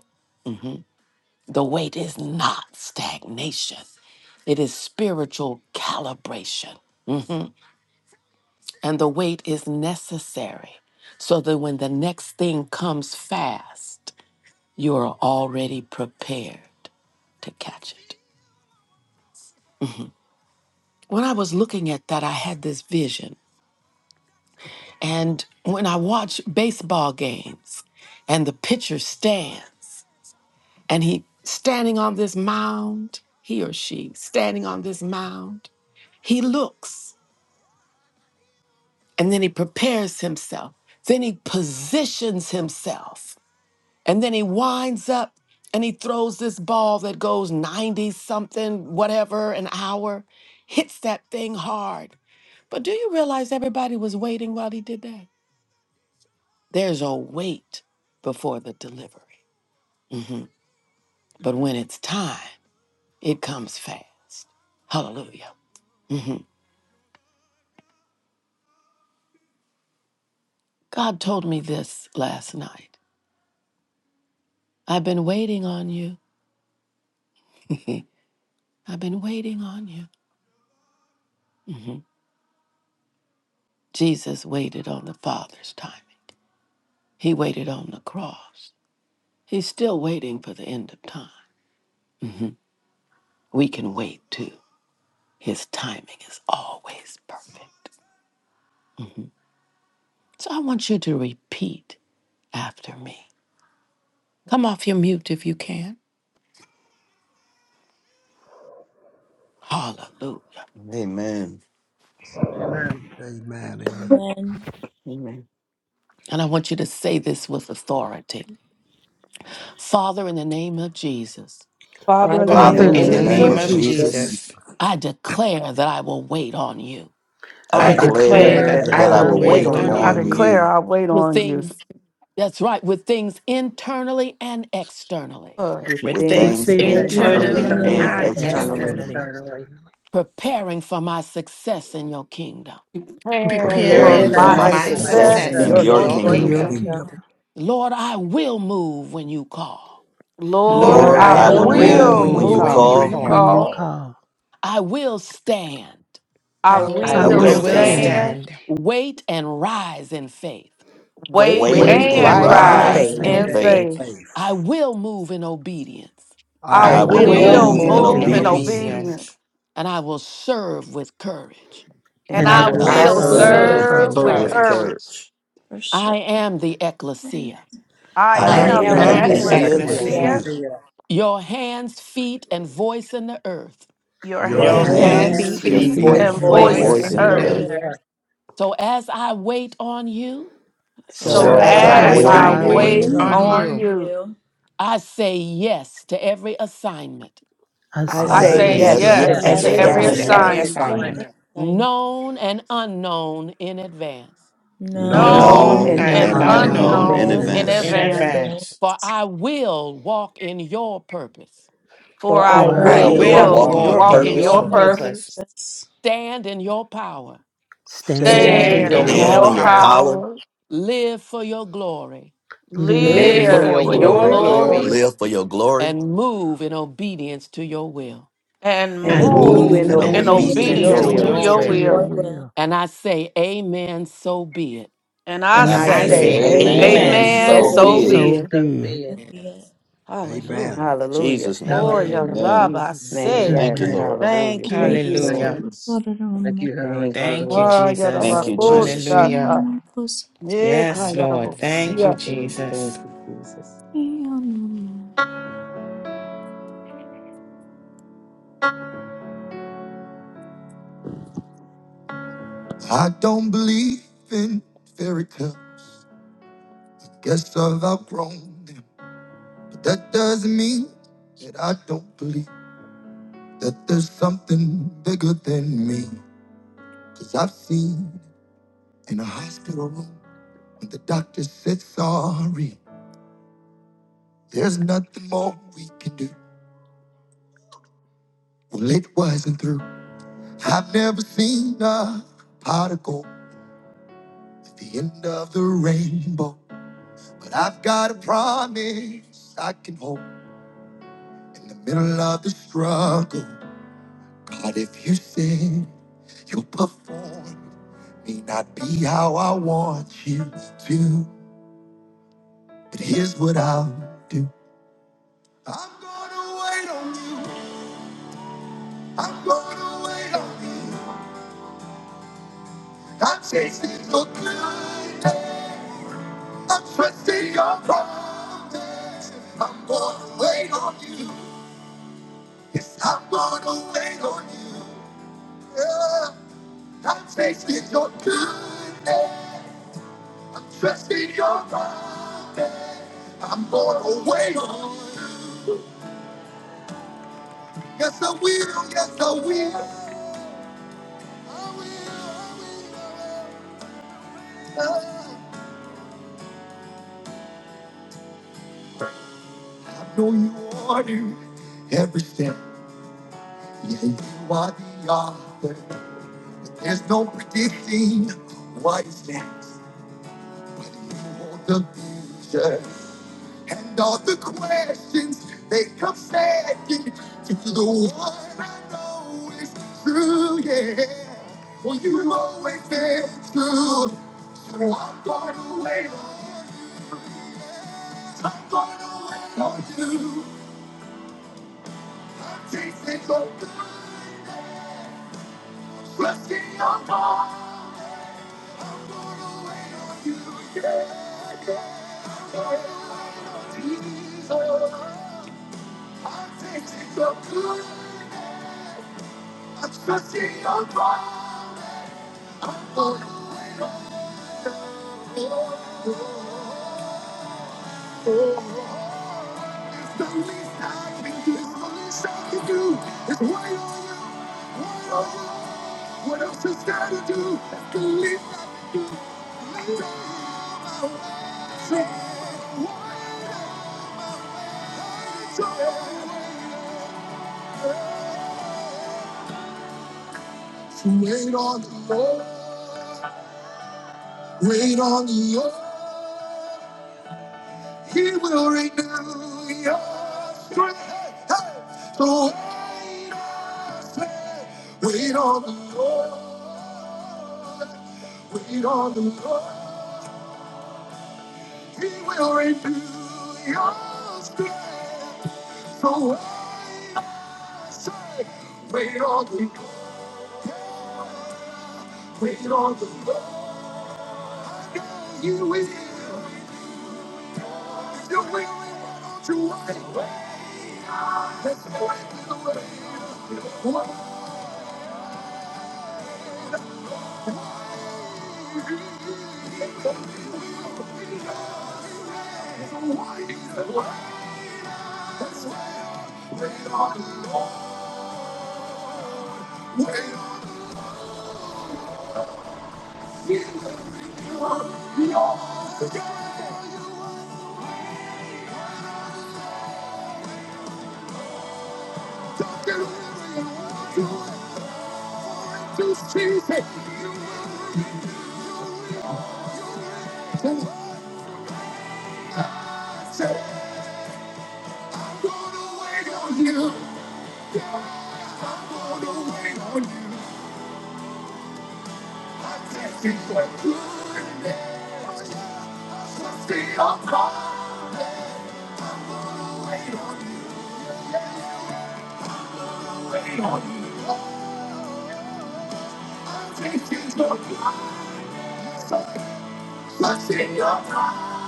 Speaker 1: The wait is not stagnation, it is spiritual calibration. And the wait is necessary so that when the next thing comes fast, you are already prepared to catch it. When I was looking at that, I had this vision. And when I watch baseball games and the pitcher stands and he standing on this mound, he or she standing on this mound, he looks and then he prepares himself. Then he positions himself And then he winds up and he throws this ball that goes 90 something, whatever, an hour, hits that thing hard. But do you realize everybody was waiting while he did that? There's a wait before the delivery. But when it's time, it comes fast. Hallelujah. God told me this last night. I've been waiting on you. I've been waiting on you. Jesus waited on the Father's timing. He waited on the cross. He's still waiting for the end of time. We can wait too. His timing is always perfect. So I want you to repeat after me. Come off your mute if you can. Hallelujah.
Speaker 7: Amen.
Speaker 10: Amen.
Speaker 4: Amen, amen.
Speaker 8: Amen.
Speaker 3: Amen.
Speaker 1: And I want you to say this with authority Father, in the name of Jesus,
Speaker 8: Father,
Speaker 2: Father, in the
Speaker 3: Father, in the
Speaker 4: Father,
Speaker 9: Father,
Speaker 2: name
Speaker 5: Father,
Speaker 9: in
Speaker 7: Father,
Speaker 8: in the
Speaker 2: of
Speaker 8: name
Speaker 9: the
Speaker 4: in
Speaker 5: in
Speaker 7: in
Speaker 3: name
Speaker 5: the
Speaker 10: Prayer
Speaker 7: the
Speaker 4: the
Speaker 10: in
Speaker 3: of
Speaker 8: of
Speaker 10: the
Speaker 9: name
Speaker 7: name
Speaker 5: name
Speaker 9: of
Speaker 4: name
Speaker 7: of
Speaker 10: name
Speaker 2: Jesus,
Speaker 5: of
Speaker 10: of
Speaker 4: of
Speaker 3: Jesus,
Speaker 9: Jesus,
Speaker 10: Jesus.
Speaker 7: Jesus,
Speaker 8: Jesus,
Speaker 4: Jesus,
Speaker 5: Jesus,
Speaker 1: I declare that I will wait on you
Speaker 7: I
Speaker 9: I
Speaker 3: I
Speaker 5: I
Speaker 8: I
Speaker 4: I
Speaker 10: I
Speaker 8: pray
Speaker 5: declare
Speaker 7: declare
Speaker 3: declare
Speaker 4: declare
Speaker 9: declare
Speaker 8: that
Speaker 5: that
Speaker 3: that
Speaker 4: that
Speaker 10: declare
Speaker 9: that
Speaker 5: I
Speaker 3: I
Speaker 7: that
Speaker 8: I
Speaker 4: I
Speaker 10: that
Speaker 7: I
Speaker 5: will
Speaker 9: I
Speaker 10: I
Speaker 3: will
Speaker 8: will
Speaker 7: will
Speaker 4: will
Speaker 10: will
Speaker 9: will
Speaker 3: wait
Speaker 5: wait
Speaker 7: wait
Speaker 10: wait
Speaker 8: wait
Speaker 4: wait
Speaker 3: on
Speaker 9: wait
Speaker 5: on
Speaker 10: on
Speaker 8: on
Speaker 2: I
Speaker 9: on
Speaker 3: you
Speaker 7: on
Speaker 5: you
Speaker 10: you.
Speaker 4: on
Speaker 9: you
Speaker 8: you
Speaker 2: declare
Speaker 4: you
Speaker 7: you
Speaker 2: I wait
Speaker 1: with
Speaker 2: on you.
Speaker 1: things, that's right, with things internally and externally,
Speaker 2: Lord,
Speaker 3: with
Speaker 5: with
Speaker 7: with
Speaker 8: with
Speaker 9: with
Speaker 3: things
Speaker 7: things
Speaker 5: things
Speaker 8: faith
Speaker 10: The
Speaker 9: things
Speaker 10: things
Speaker 7: internally
Speaker 3: internally
Speaker 5: internally
Speaker 8: internally
Speaker 4: internally
Speaker 3: and
Speaker 9: internally
Speaker 7: and
Speaker 4: and
Speaker 5: and
Speaker 10: internally
Speaker 9: and,
Speaker 10: and
Speaker 7: externally,
Speaker 3: externally,
Speaker 8: and
Speaker 9: and
Speaker 4: externally,
Speaker 5: externally,
Speaker 10: externally.
Speaker 9: externally,
Speaker 1: preparing for my success in your kingdom.
Speaker 2: Praying
Speaker 9: preparing
Speaker 2: for
Speaker 3: preparing
Speaker 7: preparing
Speaker 5: preparing
Speaker 8: preparing
Speaker 4: preparing
Speaker 3: for
Speaker 9: for
Speaker 7: for
Speaker 2: my
Speaker 5: for
Speaker 4: for
Speaker 7: my
Speaker 8: for
Speaker 10: Preparing
Speaker 3: my
Speaker 9: my
Speaker 10: for
Speaker 5: my
Speaker 8: my
Speaker 4: my
Speaker 10: my
Speaker 3: success
Speaker 2: success
Speaker 7: success
Speaker 3: in
Speaker 5: success
Speaker 8: success,
Speaker 10: success
Speaker 9: success
Speaker 7: in
Speaker 3: your
Speaker 2: in
Speaker 5: in
Speaker 10: in
Speaker 7: your
Speaker 4: success
Speaker 2: your
Speaker 10: your
Speaker 4: in
Speaker 5: your
Speaker 8: in your
Speaker 4: your
Speaker 3: kingdom.
Speaker 9: in
Speaker 7: kingdom.
Speaker 10: kingdom.
Speaker 9: your
Speaker 2: kingdom.
Speaker 5: kingdom.
Speaker 4: kingdom.
Speaker 8: kingdom.
Speaker 9: kingdom.
Speaker 1: Lord, I will move when you call,
Speaker 8: Lord,
Speaker 5: Lord,
Speaker 2: Lord,
Speaker 3: Lord,
Speaker 4: Lord,
Speaker 9: Lord,
Speaker 7: Lord,
Speaker 8: I
Speaker 3: I
Speaker 2: I
Speaker 10: Lord,
Speaker 4: I
Speaker 5: I
Speaker 7: I
Speaker 9: I
Speaker 8: will
Speaker 7: will
Speaker 3: will
Speaker 10: I
Speaker 5: will
Speaker 8: move
Speaker 3: move
Speaker 9: will
Speaker 10: will
Speaker 7: move
Speaker 2: will
Speaker 4: will
Speaker 8: when
Speaker 3: when you
Speaker 7: when
Speaker 8: you
Speaker 5: move
Speaker 10: move
Speaker 7: you
Speaker 9: move
Speaker 4: move
Speaker 10: when
Speaker 5: when
Speaker 2: move
Speaker 3: call.
Speaker 5: you
Speaker 10: you
Speaker 8: call.
Speaker 2: When
Speaker 4: when
Speaker 2: you
Speaker 7: call.
Speaker 10: call.
Speaker 4: you
Speaker 5: call.
Speaker 9: when you
Speaker 2: call,
Speaker 4: call.
Speaker 9: call.
Speaker 1: I will stand.
Speaker 2: I
Speaker 8: I
Speaker 4: I
Speaker 8: will
Speaker 10: I
Speaker 3: I
Speaker 9: I
Speaker 7: I
Speaker 2: will
Speaker 7: will
Speaker 3: will
Speaker 5: I
Speaker 10: will
Speaker 9: will
Speaker 4: will
Speaker 8: stand
Speaker 5: will
Speaker 3: stand
Speaker 4: stay,
Speaker 10: stand.
Speaker 7: stand,
Speaker 9: stand,
Speaker 2: stand.
Speaker 5: stand,
Speaker 1: Wait and rise in faith.
Speaker 3: Wait
Speaker 2: wait
Speaker 7: wait,
Speaker 8: in
Speaker 5: wait,
Speaker 9: wait,
Speaker 4: wait
Speaker 10: Wait
Speaker 3: and
Speaker 8: and
Speaker 7: and
Speaker 9: and
Speaker 2: and
Speaker 10: and
Speaker 4: and
Speaker 5: and
Speaker 3: rise
Speaker 9: rise
Speaker 3: in
Speaker 8: rise
Speaker 10: rise
Speaker 9: in
Speaker 7: rise
Speaker 2: rise
Speaker 5: rise
Speaker 3: faith.
Speaker 4: rise
Speaker 10: and
Speaker 7: in
Speaker 9: faith.
Speaker 5: in
Speaker 8: in
Speaker 2: in
Speaker 4: in
Speaker 10: say,
Speaker 8: faith.
Speaker 7: faith.
Speaker 5: faith.
Speaker 2: faith.
Speaker 4: faith.
Speaker 1: I will move in obedience
Speaker 2: I
Speaker 3: I
Speaker 4: I
Speaker 9: I
Speaker 7: I
Speaker 5: I
Speaker 8: I
Speaker 7: will
Speaker 10: I
Speaker 3: will
Speaker 4: will
Speaker 9: will
Speaker 5: will
Speaker 8: will
Speaker 3: move
Speaker 8: move
Speaker 2: will
Speaker 4: move
Speaker 7: move
Speaker 10: will
Speaker 3: in
Speaker 7: in
Speaker 9: move
Speaker 5: move
Speaker 4: in
Speaker 10: move
Speaker 9: in
Speaker 2: move
Speaker 5: in
Speaker 8: for
Speaker 2: in
Speaker 10: in
Speaker 3: obedience
Speaker 7: obedience
Speaker 4: obedience,
Speaker 10: obedience.
Speaker 9: obedience,
Speaker 2: obedience
Speaker 5: obedience,
Speaker 1: and I will serve with courage.
Speaker 4: and
Speaker 3: and
Speaker 2: and
Speaker 9: and
Speaker 3: I
Speaker 9: I
Speaker 2: I
Speaker 4: I
Speaker 5: and
Speaker 10: And
Speaker 3: will
Speaker 8: obedience,
Speaker 7: and
Speaker 8: and
Speaker 7: I
Speaker 9: will
Speaker 10: I
Speaker 4: will
Speaker 8: I
Speaker 7: will
Speaker 5: I
Speaker 10: will
Speaker 8: will
Speaker 2: will
Speaker 3: serve
Speaker 5: will
Speaker 3: with
Speaker 4: serve
Speaker 9: serve
Speaker 10: serve
Speaker 8: serve
Speaker 9: with
Speaker 7: serve
Speaker 4: with
Speaker 5: serve
Speaker 10: with
Speaker 3: courage.
Speaker 5: with
Speaker 2: serve with
Speaker 8: for
Speaker 9: courage.
Speaker 7: with
Speaker 4: courage.
Speaker 10: courage.
Speaker 5: courage.
Speaker 2: courage.
Speaker 7: courage.
Speaker 8: for
Speaker 1: I
Speaker 8: sure.
Speaker 1: am the ecclesia,
Speaker 8: And
Speaker 2: I
Speaker 7: I
Speaker 3: I
Speaker 9: I
Speaker 7: am
Speaker 4: I
Speaker 5: I
Speaker 2: am
Speaker 7: the
Speaker 3: am
Speaker 2: the
Speaker 9: am
Speaker 3: the
Speaker 10: I
Speaker 4: am
Speaker 5: am
Speaker 8: the
Speaker 5: the
Speaker 4: the
Speaker 9: the
Speaker 10: am the
Speaker 7: ecclesia,
Speaker 3: ecclesia,
Speaker 9: ecclesia
Speaker 2: ecclesia,
Speaker 8: idea,
Speaker 5: ecclesia,
Speaker 4: ecclesia,
Speaker 10: ecclesia.
Speaker 1: your hands, feet, and voice in the earth.
Speaker 2: your
Speaker 8: your
Speaker 4: your
Speaker 3: your
Speaker 7: your
Speaker 9: your
Speaker 5: your
Speaker 10: Your
Speaker 8: hands,
Speaker 3: hands,
Speaker 5: hands,
Speaker 7: hands,
Speaker 2: hands
Speaker 9: hands,
Speaker 4: hands,
Speaker 3: feet,
Speaker 10: hands,
Speaker 7: your
Speaker 8: feet,
Speaker 3: and
Speaker 5: feet,
Speaker 4: feet,
Speaker 8: and
Speaker 7: feet,
Speaker 9: feet,
Speaker 4: and
Speaker 10: feet,
Speaker 5: and
Speaker 3: voice
Speaker 2: and
Speaker 9: and
Speaker 10: and
Speaker 3: in
Speaker 7: your
Speaker 2: voice
Speaker 3: the
Speaker 5: voice
Speaker 8: voice
Speaker 4: voice
Speaker 10: voice
Speaker 2: in
Speaker 3: earth.
Speaker 9: voice
Speaker 2: the
Speaker 4: in
Speaker 7: voice
Speaker 5: in
Speaker 9: in
Speaker 7: in
Speaker 4: the
Speaker 5: the
Speaker 7: the
Speaker 9: the
Speaker 8: in
Speaker 10: in
Speaker 2: earth.
Speaker 4: earth.
Speaker 8: the
Speaker 9: earth.
Speaker 7: earth.
Speaker 5: earth.
Speaker 10: the
Speaker 8: earth.
Speaker 10: earth.
Speaker 1: So as I wait on you,
Speaker 4: So
Speaker 8: So
Speaker 10: So
Speaker 3: So
Speaker 7: So
Speaker 2: So
Speaker 4: as
Speaker 10: as
Speaker 5: So
Speaker 8: I
Speaker 7: as
Speaker 3: as
Speaker 10: I
Speaker 9: So
Speaker 7: I
Speaker 3: I
Speaker 4: I
Speaker 2: as
Speaker 10: wait
Speaker 5: as
Speaker 7: wait
Speaker 9: as
Speaker 3: wait
Speaker 7: on
Speaker 2: I
Speaker 4: wait
Speaker 10: on
Speaker 5: I
Speaker 3: on
Speaker 9: I
Speaker 7: you,
Speaker 10: you,
Speaker 3: you,
Speaker 4: on
Speaker 8: wait
Speaker 5: wait
Speaker 9: wait
Speaker 2: wait
Speaker 5: on
Speaker 9: on
Speaker 4: you,
Speaker 9: you,
Speaker 2: on
Speaker 8: on
Speaker 5: you,
Speaker 2: you,
Speaker 8: you.
Speaker 1: I say yes to every assignment,
Speaker 9: I
Speaker 3: I
Speaker 9: say
Speaker 7: I
Speaker 2: I
Speaker 4: I
Speaker 10: I
Speaker 3: say
Speaker 7: say
Speaker 2: say
Speaker 8: I
Speaker 4: say
Speaker 9: yes
Speaker 10: say
Speaker 9: to
Speaker 3: yes
Speaker 8: say
Speaker 7: yes
Speaker 10: yes.
Speaker 3: to
Speaker 5: I
Speaker 2: yes
Speaker 9: every
Speaker 4: yes
Speaker 8: yes
Speaker 2: to
Speaker 3: every
Speaker 5: say
Speaker 7: to
Speaker 4: to
Speaker 2: every
Speaker 7: every
Speaker 5: yes
Speaker 10: at
Speaker 5: to
Speaker 9: assignment,
Speaker 3: assignment,
Speaker 4: every
Speaker 8: to
Speaker 5: every
Speaker 10: every
Speaker 7: assignment,
Speaker 2: assignment,
Speaker 8: every
Speaker 4: assignment,
Speaker 5: assignment,
Speaker 10: assignment
Speaker 8: assignment.
Speaker 1: known and unknown in advance.
Speaker 8: No,
Speaker 4: known
Speaker 3: known
Speaker 9: known
Speaker 5: known
Speaker 2: known
Speaker 8: and
Speaker 3: and
Speaker 7: known
Speaker 4: and
Speaker 9: and
Speaker 5: and
Speaker 2: and
Speaker 7: and
Speaker 8: I'm
Speaker 3: unknown
Speaker 8: not
Speaker 10: and
Speaker 3: in
Speaker 9: unknown
Speaker 7: unknown
Speaker 4: unknown
Speaker 5: unknown,
Speaker 8: gonna
Speaker 7: in
Speaker 9: in
Speaker 4: in
Speaker 2: unknown
Speaker 3: advance,
Speaker 2: in
Speaker 10: element
Speaker 5: in
Speaker 7: advance.
Speaker 10: and
Speaker 4: advance.
Speaker 9: advance.
Speaker 2: advance,
Speaker 10: event.
Speaker 8: do it.
Speaker 5: advance.
Speaker 1: For I will walk in your
Speaker 2: for
Speaker 3: for
Speaker 2: I
Speaker 3: I
Speaker 10: For
Speaker 9: For
Speaker 5: For
Speaker 8: But
Speaker 7: For
Speaker 10: I
Speaker 9: I
Speaker 8: I
Speaker 5: I
Speaker 7: I
Speaker 3: will
Speaker 4: We'll
Speaker 8: will
Speaker 7: will
Speaker 3: walk
Speaker 5: will
Speaker 10: will
Speaker 9: will
Speaker 2: will
Speaker 7: walk
Speaker 8: walk
Speaker 3: in
Speaker 7: in
Speaker 4: walk
Speaker 7: your
Speaker 10: walk
Speaker 5: walk
Speaker 3: your
Speaker 9: walk
Speaker 4: in
Speaker 9: in
Speaker 5: in
Speaker 2: walk
Speaker 10: in
Speaker 9: your
Speaker 2: in
Speaker 4: your
Speaker 3: purpose,
Speaker 10: your
Speaker 5: your
Speaker 7: purpose
Speaker 2: your
Speaker 8: in
Speaker 4: purpose,
Speaker 8: your
Speaker 9: purpose,
Speaker 10: purpose,
Speaker 5: purpose,
Speaker 2: purpose
Speaker 8: purpose
Speaker 9: stand in
Speaker 3: stand
Speaker 4: stand
Speaker 9: your
Speaker 8: and
Speaker 3: in
Speaker 5: stand
Speaker 10: stand
Speaker 4: in
Speaker 2: Stand
Speaker 3: your
Speaker 5: in
Speaker 10: in
Speaker 8: in
Speaker 2: in
Speaker 4: your
Speaker 5: your
Speaker 7: and
Speaker 9: power,
Speaker 8: your
Speaker 10: your
Speaker 2: your
Speaker 7: in
Speaker 3: power,
Speaker 4: power,
Speaker 7: your
Speaker 5: power,
Speaker 10: power,
Speaker 7: power,
Speaker 2: power,
Speaker 1: prayer
Speaker 9: live
Speaker 3: live
Speaker 8: power
Speaker 9: for
Speaker 10: live
Speaker 5: live
Speaker 4: live
Speaker 3: for
Speaker 10: for
Speaker 9: your
Speaker 2: live
Speaker 5: for
Speaker 3: your
Speaker 2: for
Speaker 8: for
Speaker 10: your
Speaker 4: for
Speaker 2: your
Speaker 9: glory,
Speaker 5: your
Speaker 4: your
Speaker 3: glory,
Speaker 8: your
Speaker 10: glory,
Speaker 8: glory.
Speaker 4: glory,
Speaker 5: glory,
Speaker 2: glory,
Speaker 7: live for your glory,
Speaker 1: and move in obedience to your will.
Speaker 2: and
Speaker 7: and
Speaker 3: and
Speaker 9: and
Speaker 4: and
Speaker 5: and
Speaker 10: and
Speaker 3: move
Speaker 8: You
Speaker 7: move
Speaker 10: move
Speaker 4: move
Speaker 3: in
Speaker 5: move
Speaker 2: move
Speaker 7: in
Speaker 4: in
Speaker 5: in
Speaker 9: move
Speaker 2: in
Speaker 10: in
Speaker 8: in
Speaker 9: to
Speaker 7: obedience
Speaker 3: obedience to
Speaker 7: to
Speaker 4: obedience
Speaker 5: obedience
Speaker 4: to
Speaker 3: your
Speaker 5: to
Speaker 10: obedience
Speaker 7: your
Speaker 2: obedience
Speaker 4: your
Speaker 3: will.
Speaker 2: to
Speaker 10: to
Speaker 7: will.
Speaker 4: will.
Speaker 8: obedience
Speaker 5: your
Speaker 9: obedience
Speaker 2: your
Speaker 10: your
Speaker 9: to
Speaker 5: will.
Speaker 8: to
Speaker 9: your
Speaker 2: will.
Speaker 8: your
Speaker 10: will.
Speaker 8: will.
Speaker 9: will.
Speaker 1: And I say, Amen, so be it.
Speaker 2: And I
Speaker 7: And
Speaker 9: And
Speaker 3: And
Speaker 4: And
Speaker 7: I
Speaker 5: And
Speaker 9: I
Speaker 4: I
Speaker 3: I
Speaker 5: I
Speaker 2: say,
Speaker 10: And
Speaker 7: say,
Speaker 10: let's
Speaker 4: say,
Speaker 3: say,
Speaker 9: say,
Speaker 5: say,
Speaker 10: say,
Speaker 7: Amen.
Speaker 3: Amen.
Speaker 4: Amen,
Speaker 5: Amen.
Speaker 9: Amen.
Speaker 2: Amen,
Speaker 7: So
Speaker 3: So
Speaker 10: Amen.
Speaker 4: so
Speaker 5: So
Speaker 2: so
Speaker 3: be
Speaker 7: be
Speaker 5: be
Speaker 7: it.
Speaker 4: be
Speaker 3: it.
Speaker 2: be
Speaker 10: And
Speaker 9: So
Speaker 5: it.
Speaker 4: it.
Speaker 2: it.
Speaker 10: so
Speaker 9: be it.
Speaker 10: be it.
Speaker 8: Be it.
Speaker 4: Amen.
Speaker 2: Hallelujah.
Speaker 3: Hallelujah.
Speaker 7: Jesus' name.
Speaker 2: Oh,
Speaker 9: Amen.
Speaker 2: your
Speaker 3: In
Speaker 10: Hallelujah.
Speaker 7: Amen.
Speaker 2: rabbi
Speaker 3: Jesus'
Speaker 10: In
Speaker 3: name.
Speaker 2: said,
Speaker 10: Jesus'
Speaker 7: Thank you,
Speaker 3: Yes.
Speaker 9: Amen.
Speaker 10: name.
Speaker 7: Lord.
Speaker 3: Hallelujah.
Speaker 2: Thank you,
Speaker 3: Thank
Speaker 8: And
Speaker 3: you,
Speaker 10: Thank
Speaker 8: so
Speaker 3: Lord.
Speaker 5: Hallelujah.
Speaker 8: we
Speaker 10: you.
Speaker 2: Jesus.
Speaker 8: put it on
Speaker 10: Thank
Speaker 8: my-
Speaker 10: you, Heavenly
Speaker 3: Thank you,
Speaker 10: Father.
Speaker 5: Thank you,
Speaker 3: Lord.
Speaker 2: Ah, your rabbi,
Speaker 5: Jesus.
Speaker 7: Thank you,
Speaker 2: oh,
Speaker 3: Hallelujah.
Speaker 7: Jesus.
Speaker 5: Hallelujah.
Speaker 2: shata.
Speaker 8: my clothes.
Speaker 5: Yes,
Speaker 2: Meka, your
Speaker 5: Lord.
Speaker 2: rabbi,
Speaker 5: Thank you,
Speaker 2: sia.
Speaker 3: Hallelujah. Thank
Speaker 5: Jesus.
Speaker 3: you, Jesus.
Speaker 1: I don't believe in fairy tale. Guess I've outgrown them. But that doesn't mean that I don't believe that there's something bigger than me. Cause I've seen in a hospital room when the doctor said sorry. There's nothing more we can do. Well, it wasn't through. I've never seen a particle at the end of the rainbow. But I've got a promise I can hold in the middle of the struggle. But if you said you'll perform. May not be how I want you to, but here's what I'll do. I'm gonna wait on you. I'm gonna wait on you. I'm chasing your good. I'm trusting your promise. I'm gonna wait on you. Yes, I'm gonna wait on you. Yeah. I'm chasing your good. Trust in your promise. I'm going to away. Yes, I will. Yes, I will. I know you order every step. Yeah, you are the author. There's no predicting what is next. But you hold the future. And all the questions they come asking to the one I know is true, yeah. Well, you always been true. So I'm gonna wait on you. I'm gonna wait on you. I'm chasing your good, trusting your heart. I'm gonna wait on you, yeah, yeah. yeah. Jesus, I'm chasing your good. Cause you're broken, broken. Tell me, I've been too foolish, too cruel. What are you? What are you? What else you got to do? Believe that someday, wait on the Lord, wait on the Lord. He will renew your strength. Hey, hey. So wait, wait on the Lord, wait on the Lord. He will renew your strength. So I say, wait on the Lord, wait on the Lord. Yeah, You will, you will, you will, you will. That's why you wait. That's why you wait. That's why you wait on the Lord. Wait on the Lord. You He always gets delivery. You You You will. will will. just choose it. So I say. You. I'm gonna Wait on you. I'm testing for goodness. Trust me, I'm gonna wait on you. Wait on you. I'm testing for goodness. Trust me, I'm gonna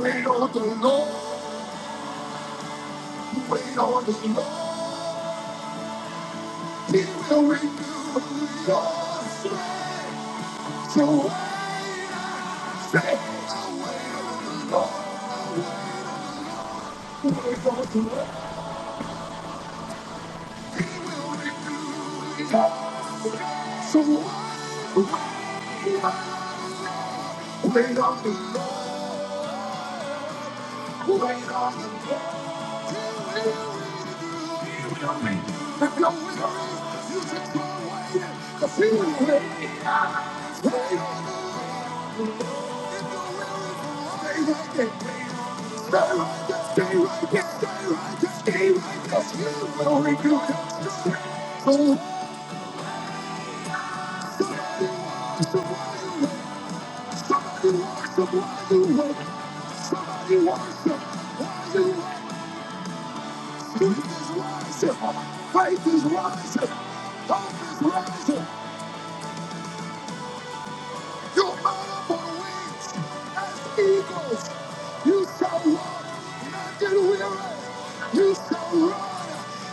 Speaker 1: wait on the Lord, wait on the Lord, He will renew your strength. So I say, I wait on the Lord, wait on the Lord. Stay right there, stay right there, stay right there, you will redo it. Somebody wants worship while you work. Somebody wants worship while you worship. Faith is rising. Faith is rising. Hope is rising. You're made up on wings as eagles. You shall walk, not get weary. You shall run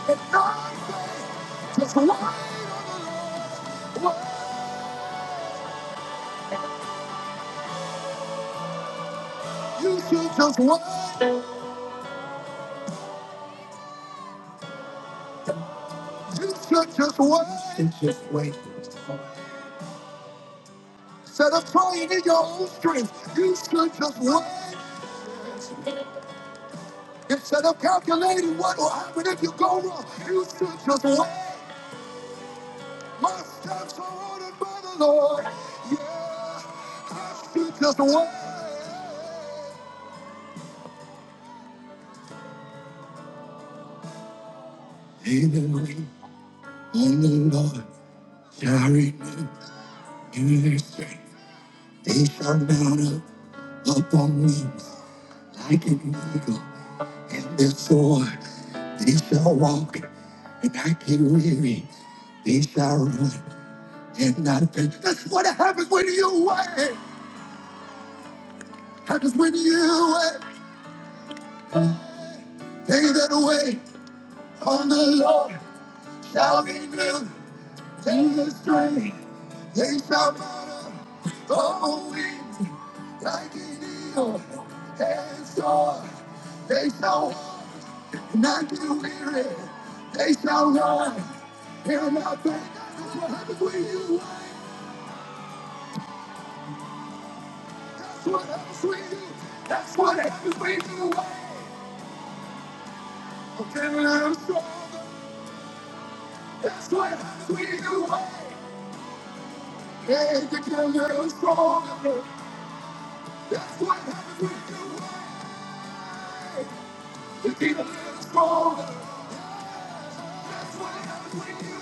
Speaker 1: and not faint. Just wait on the Lord. Wait. You should just wait. You should just wait. and Just wait. Instead of trying in your own strength, you should just wait. Instead of calculating what will happen if you go wrong, you should just wait. My steps are ordered by the Lord. Yeah, I should just wait. Even wait on the Lord shall renew in their strength. They shall mount up, upon wings like an eagle, and they soar. They shall walk, and not get weary. They shall run, and not faint. That's what happens when you wait. Happens when you wait. They that wait on the Lord shall be new. In the strength, they shall mount up on wings like an eagle. And soar, they shall walk, and not get weary. They shall run, and not faint. That's what happens when you wait. That's what happens when you. That's what happens when you wait. Until I'm stronger. That's what happens when you wait. Hey, the killer is stronger. That's what happens when you wait. stronger. stronger. That's That's why why I'm I'm with you.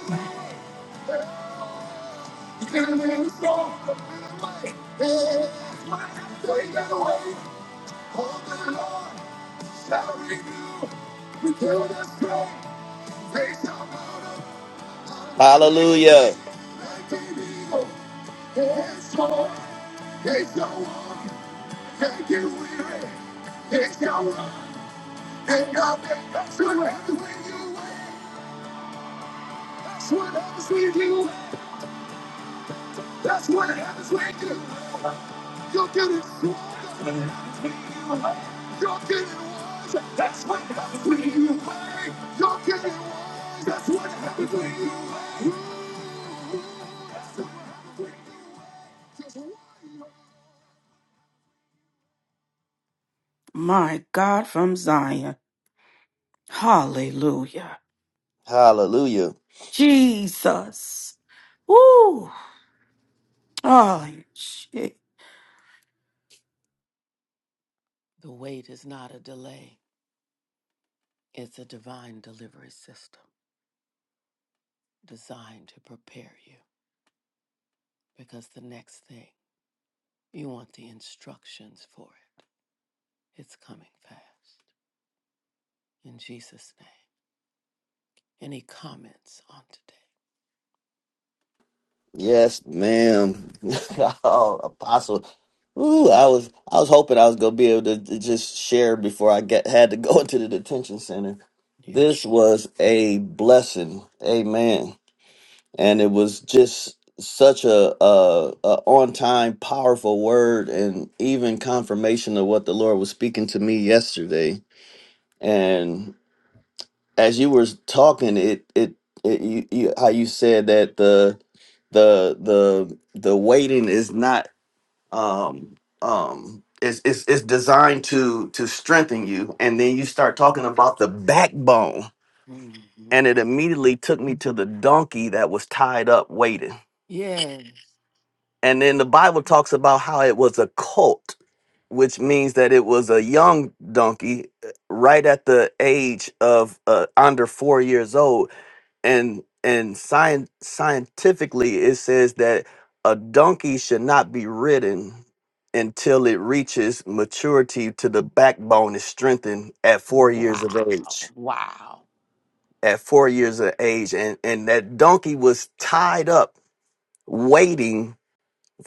Speaker 1: It's your run,
Speaker 7: Hallelujah.
Speaker 1: and nothing that's gonna happen when you win. That's what happens when you. do. That's what happens when you. You're getting swung. You're getting wise. That's what happens when you. play. You're getting wise. That's what happens when you. play.
Speaker 2: My God from Zion. Hallelujah.
Speaker 7: Hallelujah.
Speaker 2: Jesus. Woo! Oh,
Speaker 1: The wait is not a delay. It's a divine delivery system designed to prepare you because the next thing you want the instructions for it. It's coming fast in Jesus' name. Any comments on today?
Speaker 7: Yes, ma'am. oh, apostle. Ooh, I was I was hoping I was gonna be able to, to just share before I get had to go into the detention center. This was a blessing, amen. And it was just such a, a, a on time, powerful word, and even confirmation of what the Lord was speaking to me yesterday. And as you were talking, it it, it you, you how you said that the the the the waiting is not um um it's it's it's designed to to strengthen you, and then you start talking about the backbone,
Speaker 1: hmm
Speaker 7: and it immediately took me to the donkey that was tied up waiting,
Speaker 1: Yes.
Speaker 7: and then the Bible talks about how it was a colt, which means that it was a young donkey, uh, right at the age of uh, under four years old and and science scientifically it says that a donkey should not be ridden until it reaches maturity to the backbone is strengthened at four years of
Speaker 1: Wow.
Speaker 7: age
Speaker 1: Wow.
Speaker 7: at four years of age and and that donkey was tied up waiting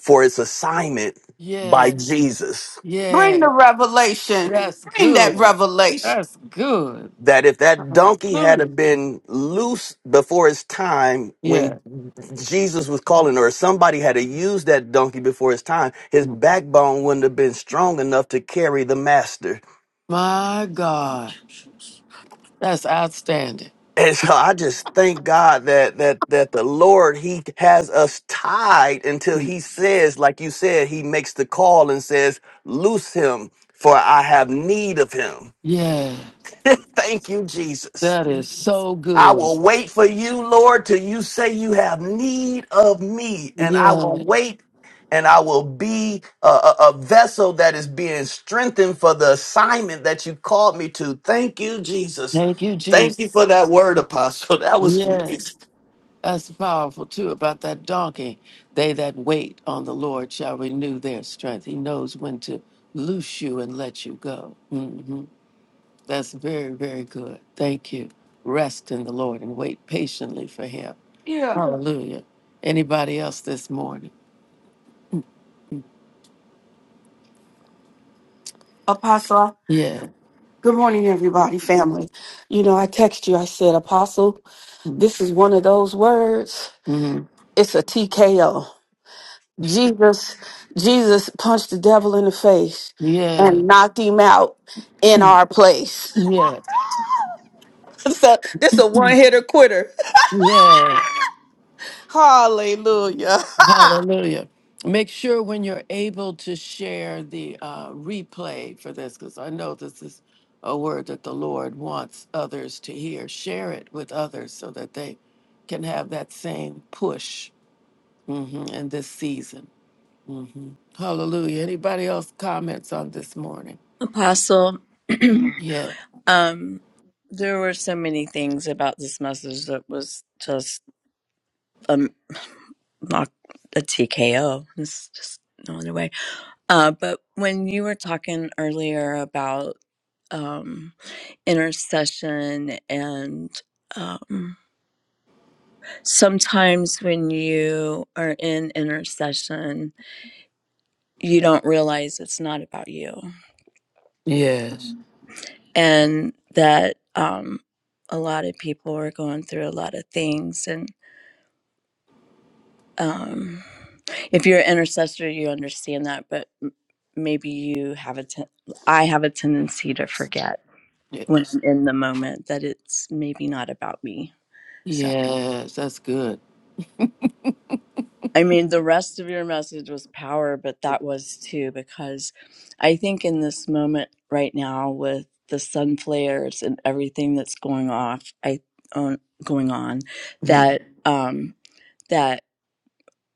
Speaker 7: for its assignment by
Speaker 1: Yeah.
Speaker 7: jesus
Speaker 2: Bring
Speaker 1: Yeah.
Speaker 2: the revelation.
Speaker 1: That's
Speaker 2: Bring that
Speaker 1: good.
Speaker 2: revelation.
Speaker 1: That's good.
Speaker 7: that if that donkey had a
Speaker 1: Hallelujah.
Speaker 7: been loose before its time
Speaker 1: Yeah.
Speaker 7: when Jesus was calling, or somebody had to use that donkey before its time, his backbone wouldn't have been strong enough to carry the master.
Speaker 1: My God. That's outstanding.
Speaker 7: And so I just thank God that that that the Lord He has us tied until He says, like you said, He makes the call and says, "Loose him, for I have need of him."
Speaker 1: Yeah.
Speaker 7: Thank you, Jesus.
Speaker 1: That is so
Speaker 7: I
Speaker 1: good.
Speaker 7: will wait for you, Lord, till you say you have need of me, and I
Speaker 1: Yeah.
Speaker 7: will wait and I will be a, a, a vessel that is being strengthened for the assignment that you called me to. Thank you, Jesus.
Speaker 1: Thank you,
Speaker 7: Thank you for
Speaker 1: Jesus.
Speaker 7: that word, Apostle. That was amazing.
Speaker 1: Yeah. That's powerful too about that donkey. They that wait on the Lord shall renew their strength. He knows when to loose you and let you go. hmm That's very, very good. Thank you. Rest in the Lord and wait patiently for Him.
Speaker 2: Yeah.
Speaker 1: Hallelujah. Anybody else this morning?
Speaker 2: Apostle,
Speaker 1: Yeah.
Speaker 2: good morning, everybody, family. You know, I text you, I said, Apostle, this is one of those words.
Speaker 1: hmm
Speaker 2: It's a TKO. Jesus, Jesus punched the devil in the face
Speaker 1: Yeah.
Speaker 2: and knocked him out in our place.
Speaker 1: Yeah.
Speaker 2: so this a one hitter quitter.
Speaker 1: Yeah.
Speaker 2: Hallelujah.
Speaker 1: Hallelujah. Make sure when you're able to share the uh, replay for this, because I know this is a word that the Lord wants others to hear. Share it with others so that they can have that same push mhm, in this season. hmm Hallelujah. Anybody else comments on this morning?
Speaker 8: Apostle.
Speaker 1: Yeah.
Speaker 8: Um, there were so many things about this message that was just um not a TKO. It's just no other way. Uh, but when you were talking earlier about um intercession and um sometimes when you are in intercession you don't realize it's not about you
Speaker 1: Yes.
Speaker 8: and that um, a lot of people are going through a lot of things. And um, if you're an intercessor, you understand that, but m- maybe you have a, ten- I have a tendency to forget when
Speaker 1: Yes.
Speaker 8: I'm in the moment that it's maybe not about me. So.
Speaker 1: Yes. That's good.
Speaker 8: I mean, the rest of your message was power, but that was too, because I think in this moment right now with the sun flares and everything that's going off, I on going on,
Speaker 1: Mhm.
Speaker 8: that um, that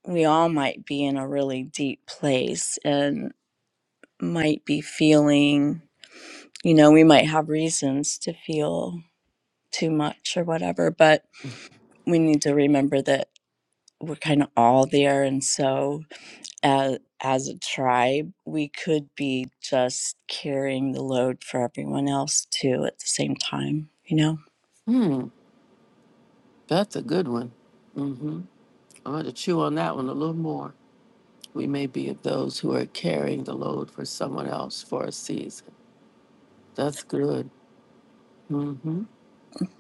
Speaker 8: we all might be in a really deep place and might be feeling, you know, we might have reasons to feel too much or whatever, but we need to remember that we're kind of all there, and so as, as a tribe, we could be just carrying the load for everyone else too at the same time, you know?
Speaker 1: Hmm. That's a good one. hmm I'm going to chew on that one a little more. We may be of those who are carrying the load for someone else for a season. That's good. hmm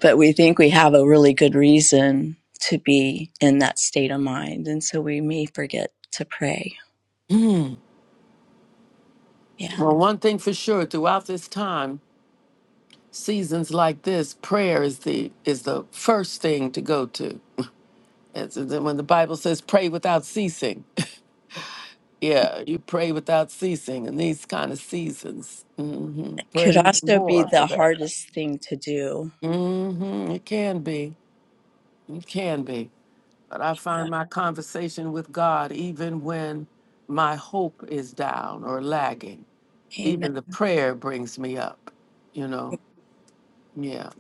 Speaker 8: But we think we have a really good reason to be in that state of mind. And so we may forget to pray. Yeah.
Speaker 1: Well, one thing for sure, throughout this time, seasons like this, prayer is the is the first thing to go to. It's, it's when the Bible says, "Pray without ceasing."
Speaker 8: It
Speaker 1: Yeah, you pray without ceasing in these kind of seasons. hmm Pray
Speaker 8: could
Speaker 1: even
Speaker 8: also be
Speaker 1: more for
Speaker 8: the
Speaker 1: that.
Speaker 8: hardest thing to do.
Speaker 1: hmm It can be. It can be. But I find my conversation with God even when my hope is down or lagging.
Speaker 8: Amen.
Speaker 1: Even the prayer brings me up, you know? Yeah.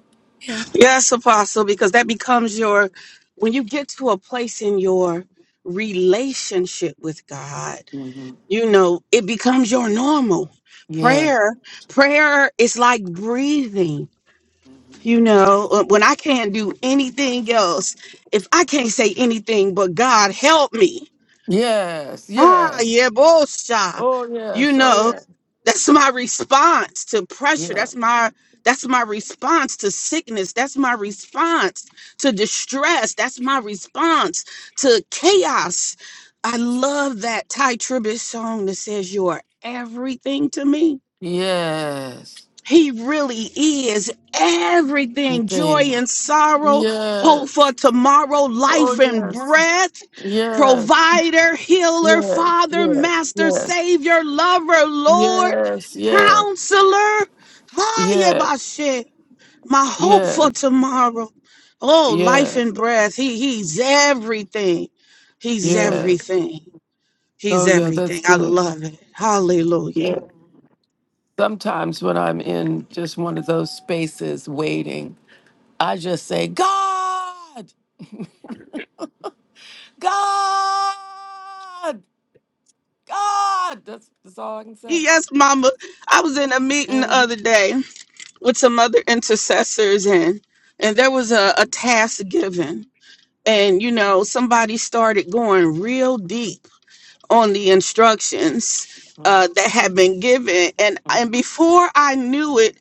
Speaker 8: Yeah.
Speaker 2: Yes, Apostle, because that becomes your, when you get to a place in your relationship with God,
Speaker 1: hmm
Speaker 2: you know, it becomes your normal.
Speaker 1: Yeah.
Speaker 2: Prayer, prayer is like breathing. You know, Uh, when I can't do anything else, if I can't say anything but God help me,
Speaker 1: Yes.
Speaker 2: Ah,
Speaker 1: Yes.
Speaker 2: yeah, yebosha.
Speaker 1: Oh,
Speaker 2: You
Speaker 1: yes. Oh,
Speaker 2: know,
Speaker 1: yeah.
Speaker 2: that's my response to pressure.
Speaker 1: Yeah.
Speaker 2: That's my that's my response to sickness. That's my response to distress. That's my response to chaos. I love that Ty Tribbett song that says you are everything to me
Speaker 1: Yes.
Speaker 2: he really is
Speaker 1: You
Speaker 2: everything joy
Speaker 1: think?
Speaker 2: and sorrow, hope for
Speaker 1: Yes.
Speaker 2: tomorrow,
Speaker 1: Oh,
Speaker 2: life and
Speaker 1: yes.
Speaker 2: breath,
Speaker 1: Yes.
Speaker 2: provider, healer,
Speaker 1: Yes.
Speaker 2: father,
Speaker 1: Yes.
Speaker 2: master,
Speaker 1: Yes.
Speaker 2: savior, lover, Lord,
Speaker 1: Yes. Yes.
Speaker 2: counselor.
Speaker 1: Yeah.
Speaker 2: Hayabashe, My hope
Speaker 1: Yeah.
Speaker 2: for tomorrow. Oh, life
Speaker 1: Yeah.
Speaker 2: and breath. He, he's everything. He's
Speaker 1: Yeah.
Speaker 2: everything. He's
Speaker 1: Oh, yeah. That's
Speaker 2: everything. I
Speaker 1: good.
Speaker 2: love it. Hallelujah.
Speaker 1: Yeah. Sometimes when I'm in just one of those spaces waiting, I just say, God, God, God. That's, that's all I can say.
Speaker 2: Yes, Mama. I was in a meeting the
Speaker 1: hmm
Speaker 2: other day with some other intercessors, and and there was a, a task given, and you know somebody started going real deep on the instructions uh, that had been given, and and before I knew it,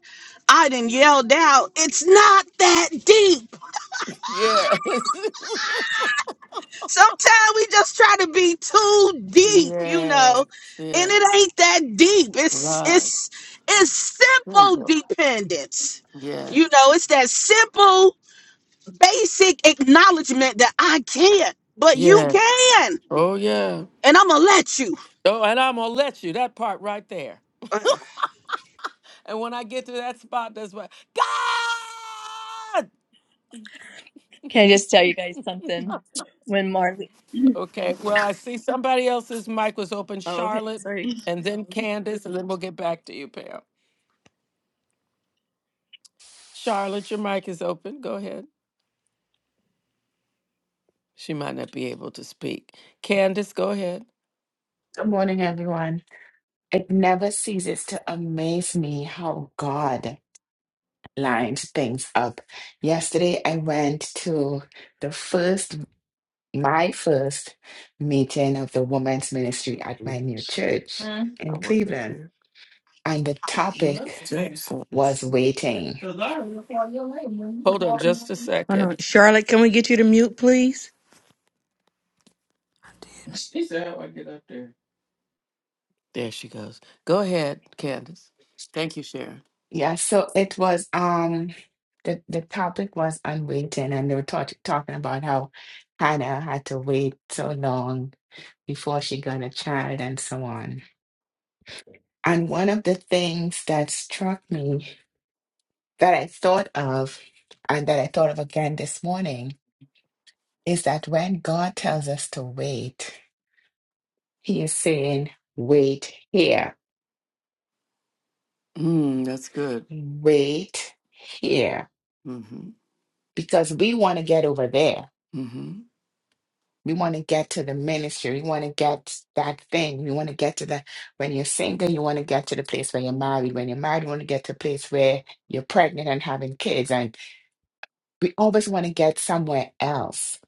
Speaker 2: I done yelled out, "It's not that deep."
Speaker 1: Yes.
Speaker 2: Sometimes we just try to be too deep, you
Speaker 1: yes.
Speaker 2: know, and
Speaker 1: Yeah.
Speaker 2: it ain't that deep. It's
Speaker 1: Right.
Speaker 2: it's it's simple
Speaker 1: Simple.
Speaker 2: dependence.
Speaker 1: Yeah.
Speaker 2: You know, it's that simple, basic acknowledgement that I can't, but you
Speaker 1: Yeah.
Speaker 2: can, and I'm gonna let you.
Speaker 1: Oh, and I'm gonna let you that part right there.
Speaker 2: Ugh.
Speaker 1: And when I get to that spot, that's what God.
Speaker 8: Can I just tell you guys something? When Marley,
Speaker 1: Okay. Well, I see somebody else's mic was open.
Speaker 8: oh, okay,
Speaker 1: Charlotte,
Speaker 8: sorry.
Speaker 1: and then to you, Pam. Charlotte, your mic is open. Go ahead. She might not be able to speak. Candace, go ahead.
Speaker 5: Good morning, everyone. It never ceases to amaze me how God lined things up. Yesterday, I went to the first, my first meeting of the women's ministry at my
Speaker 11: Mm.
Speaker 5: new church
Speaker 11: I
Speaker 5: in
Speaker 11: went up
Speaker 5: Cleveland.
Speaker 11: there.
Speaker 5: And the topic
Speaker 11: That's Mm.
Speaker 5: was waiting.
Speaker 11: Because I
Speaker 1: Hold on just a
Speaker 3: Hold
Speaker 1: second.
Speaker 3: on. Charlotte, can we get you to mute, please?
Speaker 11: really, she said I would get up there.
Speaker 1: There she goes. Go ahead, Candace. Thank you, Sharon.
Speaker 5: Yeah, so it was um the the topic was on waiting and they were talk talking about how Hannah had to wait so long before she got a child and so on. And one of the things that struck me that I thought of and that I thought of again this morning is that when God tells us to wait, He is saying, wait here,
Speaker 1: Mm, that's good.
Speaker 5: wait here,
Speaker 1: Mm-hmm.
Speaker 5: because we want to get over there.
Speaker 1: Mm-hmm.
Speaker 5: We want to get to the ministry. We want to get that thing. We want to get to the, when you're single, you want to get to the place where you're married. When you're married, you want to get to the place where you're pregnant and having kids. And we always want to get somewhere else.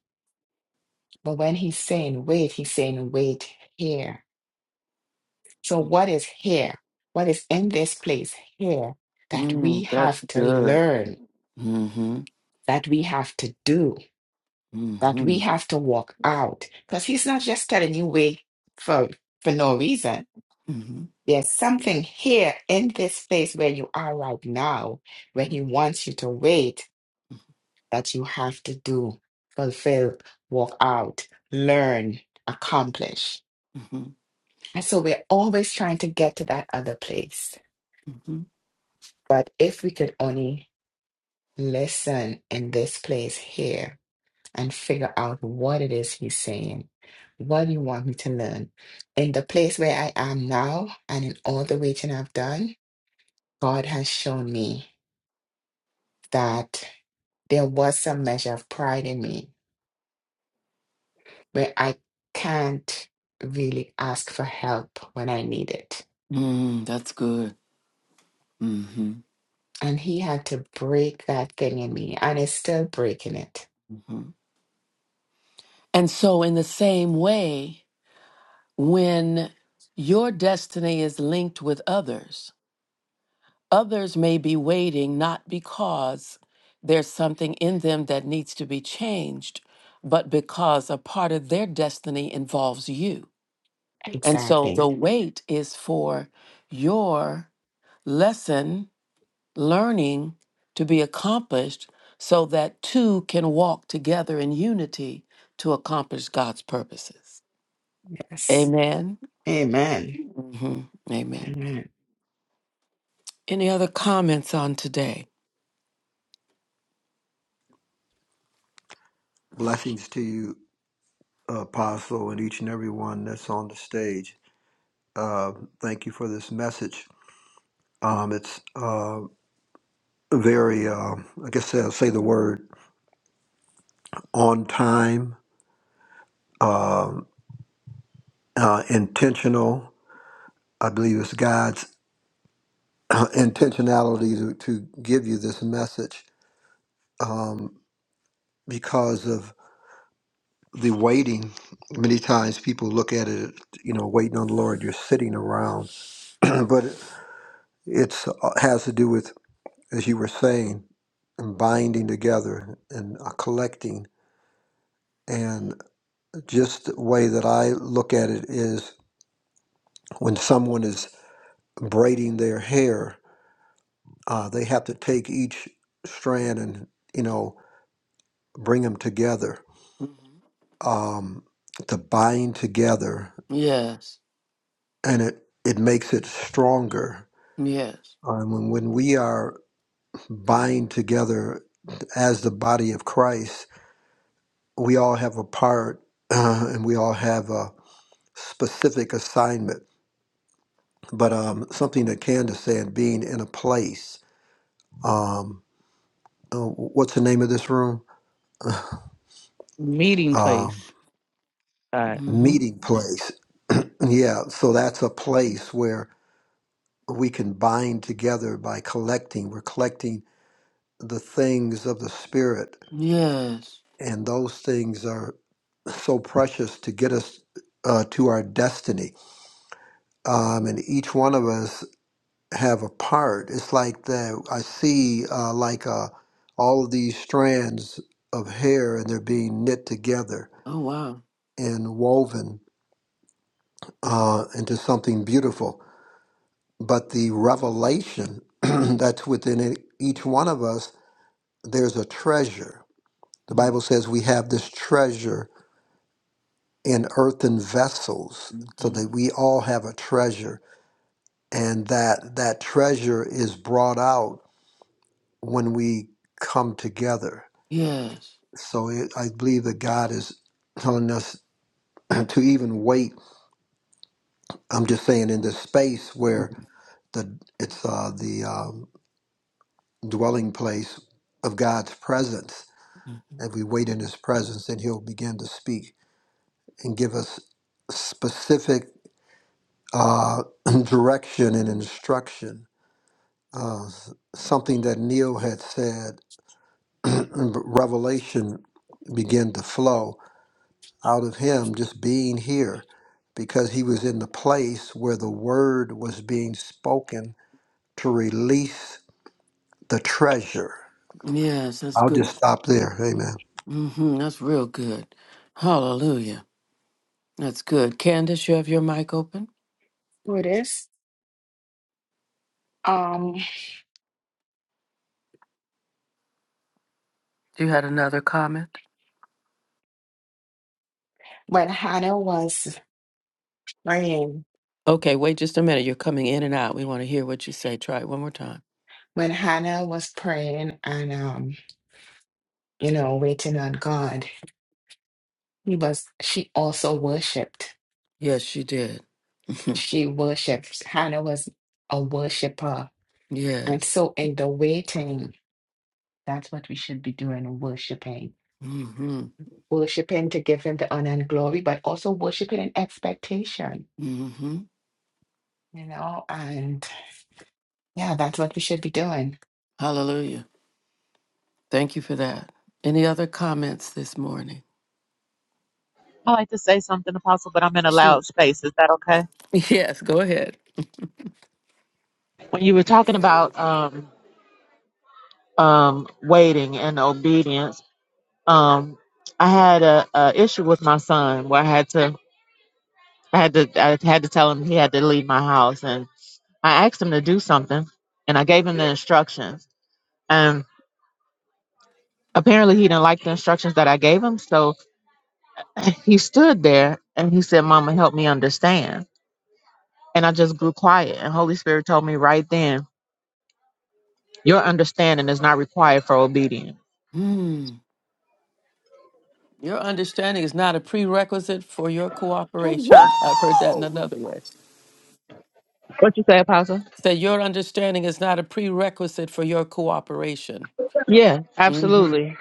Speaker 5: But when he's saying wait, he's saying wait here So, what is here? What is in this place here that we
Speaker 1: Mm, that's
Speaker 5: have to
Speaker 1: good.
Speaker 5: learn,
Speaker 1: Mm-hmm.
Speaker 5: that we have to do, that
Speaker 1: Mm-hmm.
Speaker 5: we have to walk out? Because he's not just telling you wait for, for no reason.
Speaker 1: Mm-hmm.
Speaker 5: There's something here in this place where you are right now, where he wants you to wait, that you have to do, fulfill, walk out, learn, accomplish.
Speaker 1: Mm-hmm.
Speaker 5: And so we're always trying to get to that other place.
Speaker 1: Mm-hmm.
Speaker 5: But if we could only listen in this place here and figure out what it is he's saying. What do you want me to learn? In the place where I am now and in all the waiting I've done, God has shown me that there was some measure of pride in me where I can't really ask for help when I need it.
Speaker 1: Mm, that's good. Mm-hmm.
Speaker 5: And he had to break that thing in me, and is still breaking it.
Speaker 1: Mm-hmm. And so, in the same way, when your destiny is linked with others, Others may be waiting not because there's something in them that needs to be changed, but because a part of their destiny involves you. And so the
Speaker 5: Exactly.
Speaker 1: wait is for your lesson learning to be accomplished so that two can walk together in unity to accomplish God's purposes.
Speaker 5: Yes.
Speaker 1: Amen.
Speaker 5: Amen.
Speaker 1: hmm Amen.
Speaker 5: Amen.
Speaker 1: Any other comments on today?
Speaker 4: Blessings to you. Apostle, and each and every one that's on the stage. Uh, thank you for this message. Um, it's uh, very, uh, I guess I'll say the word on time, um uh, intentional. I believe it's God's uh, intentionality to, to give you this message um, because of the waiting. Many times people look at it, you know, waiting on the Lord, you're sitting around, but it it's, uh, has to do with as you were saying, and binding together and uh, collecting. And just the way that I look at it is when someone is braiding their hair, uh, they have to take each strand and, you know, bring them together
Speaker 1: Mhm.
Speaker 4: um, to bind together.
Speaker 1: Yes.
Speaker 4: And it, it makes it stronger.
Speaker 1: Yes.
Speaker 4: Um, when, when we are bind together as the body of Christ, we all have a part and we all have a specific assignment, but um, something that Candace said, being in a place. Um, uh, what's the name of this room?
Speaker 3: Meeting
Speaker 4: Um,
Speaker 3: place. God.
Speaker 1: Mm-hmm.
Speaker 4: meeting place. Yeah, so that's a place where we can bind together by collecting. We're collecting the things of the Spirit,
Speaker 1: Yes.
Speaker 4: and those things are so precious to get us uh, to our destiny. Um, and each one of us have a part. It's like that. I see uh, like uh, all of these strands of hair, and they're being knit together
Speaker 1: Oh wow.
Speaker 4: and woven uh, into something beautiful. But the revelation that's within it, each one of us, there's a treasure. The
Speaker 1: Mm-hmm.
Speaker 4: Bible says we have this treasure in earthen vessels, so
Speaker 1: Mm-hmm.
Speaker 4: that we all have a treasure, and that that treasure is brought out when we come together
Speaker 1: Yes.
Speaker 4: So it, I believe that God is telling us to even wait. I'm just saying in this space where
Speaker 1: Mm-hmm.
Speaker 4: the it's uh, the um, dwelling place of God's presence. If we wait in His presence, then He'll begin to speak and give us specific uh, direction and instruction. Uh, s- something that Neil had said, revelation began to flow out of him just being here because he was in the place where the word was being spoken to release the treasure.
Speaker 1: Yes, that's
Speaker 4: I'll
Speaker 1: good.
Speaker 4: just stop there. Amen.
Speaker 1: Mm-hmm. That's real good. Hallelujah. That's good. Candace, you have your mic open.
Speaker 5: So it is. Um,
Speaker 1: You had another comment?
Speaker 5: when Hannah was praying,
Speaker 1: Okay, wait just a minute. You're coming in and out. We want to hear what you say. Try it one more time.
Speaker 5: when Hannah was praying and um, you know, waiting on God, he was she also worshipped.
Speaker 1: Yes, she did.
Speaker 5: She worships. Hannah was a worshiper. And
Speaker 1: yes.
Speaker 5: so in the waiting, that's what we should be doing, worshiping.
Speaker 1: Mm-hmm.
Speaker 5: Worshiping to give him the honor and glory, but also worshiping in expectation,
Speaker 1: Mm-hmm.
Speaker 5: you know, and yeah, that's what we should be doing.
Speaker 1: Hallelujah. Thank you for that. Any other comments this morning?
Speaker 6: I like to say something, Apostle, but I'm in a loud space. Is that okay?
Speaker 1: Yes, go ahead.
Speaker 6: When you were talking about um, um, waiting and obedience, um, I had a, a issue with my son where I had to, I had to, I had to tell him he had to leave my house, and I asked him to do something, and I gave him the instructions, and apparently he didn't like the instructions that I gave him, so he stood there and he said, "Mama, help me understand," and I just grew quiet, and Holy Spirit told me right then. Your understanding is not required for obedience.
Speaker 1: Your understanding is not a prerequisite for your
Speaker 2: Woo!
Speaker 6: Huh?
Speaker 1: cooperation. I've heard that in another way.
Speaker 6: What you say, Apostle?
Speaker 1: Say your understanding is not a prerequisite for your cooperation.
Speaker 6: Yeah, absolutely.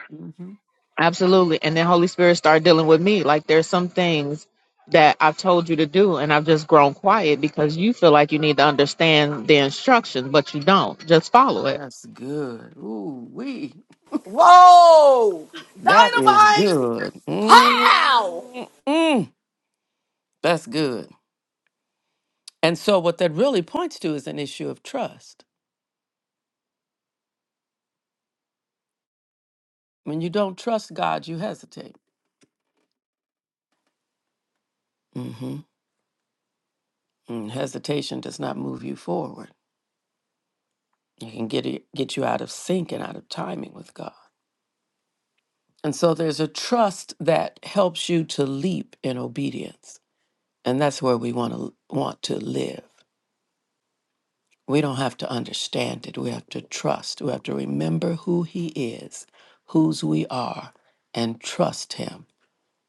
Speaker 6: Absolutely. And then Holy Spirit started dealing with me. Like there's some things that I've told you to do and I've just grown quiet because you feel like you need to understand the instructions, but you don't. Just follow it.
Speaker 2: Whoa! Dynamite!
Speaker 1: Good. Mm,
Speaker 2: Pow!
Speaker 1: that's good. And so, what that really points to is an issue of trust. When you don't trust God, you hesitate. Hesitation does not move you forward. It can get, it, get you out of sync and out of timing with God. And so, there's a trust that helps you to leap in obedience. And that's where we want to want to live. We don't have to understand it. We have to trust. We have to remember who He is, whose we are, and trust Him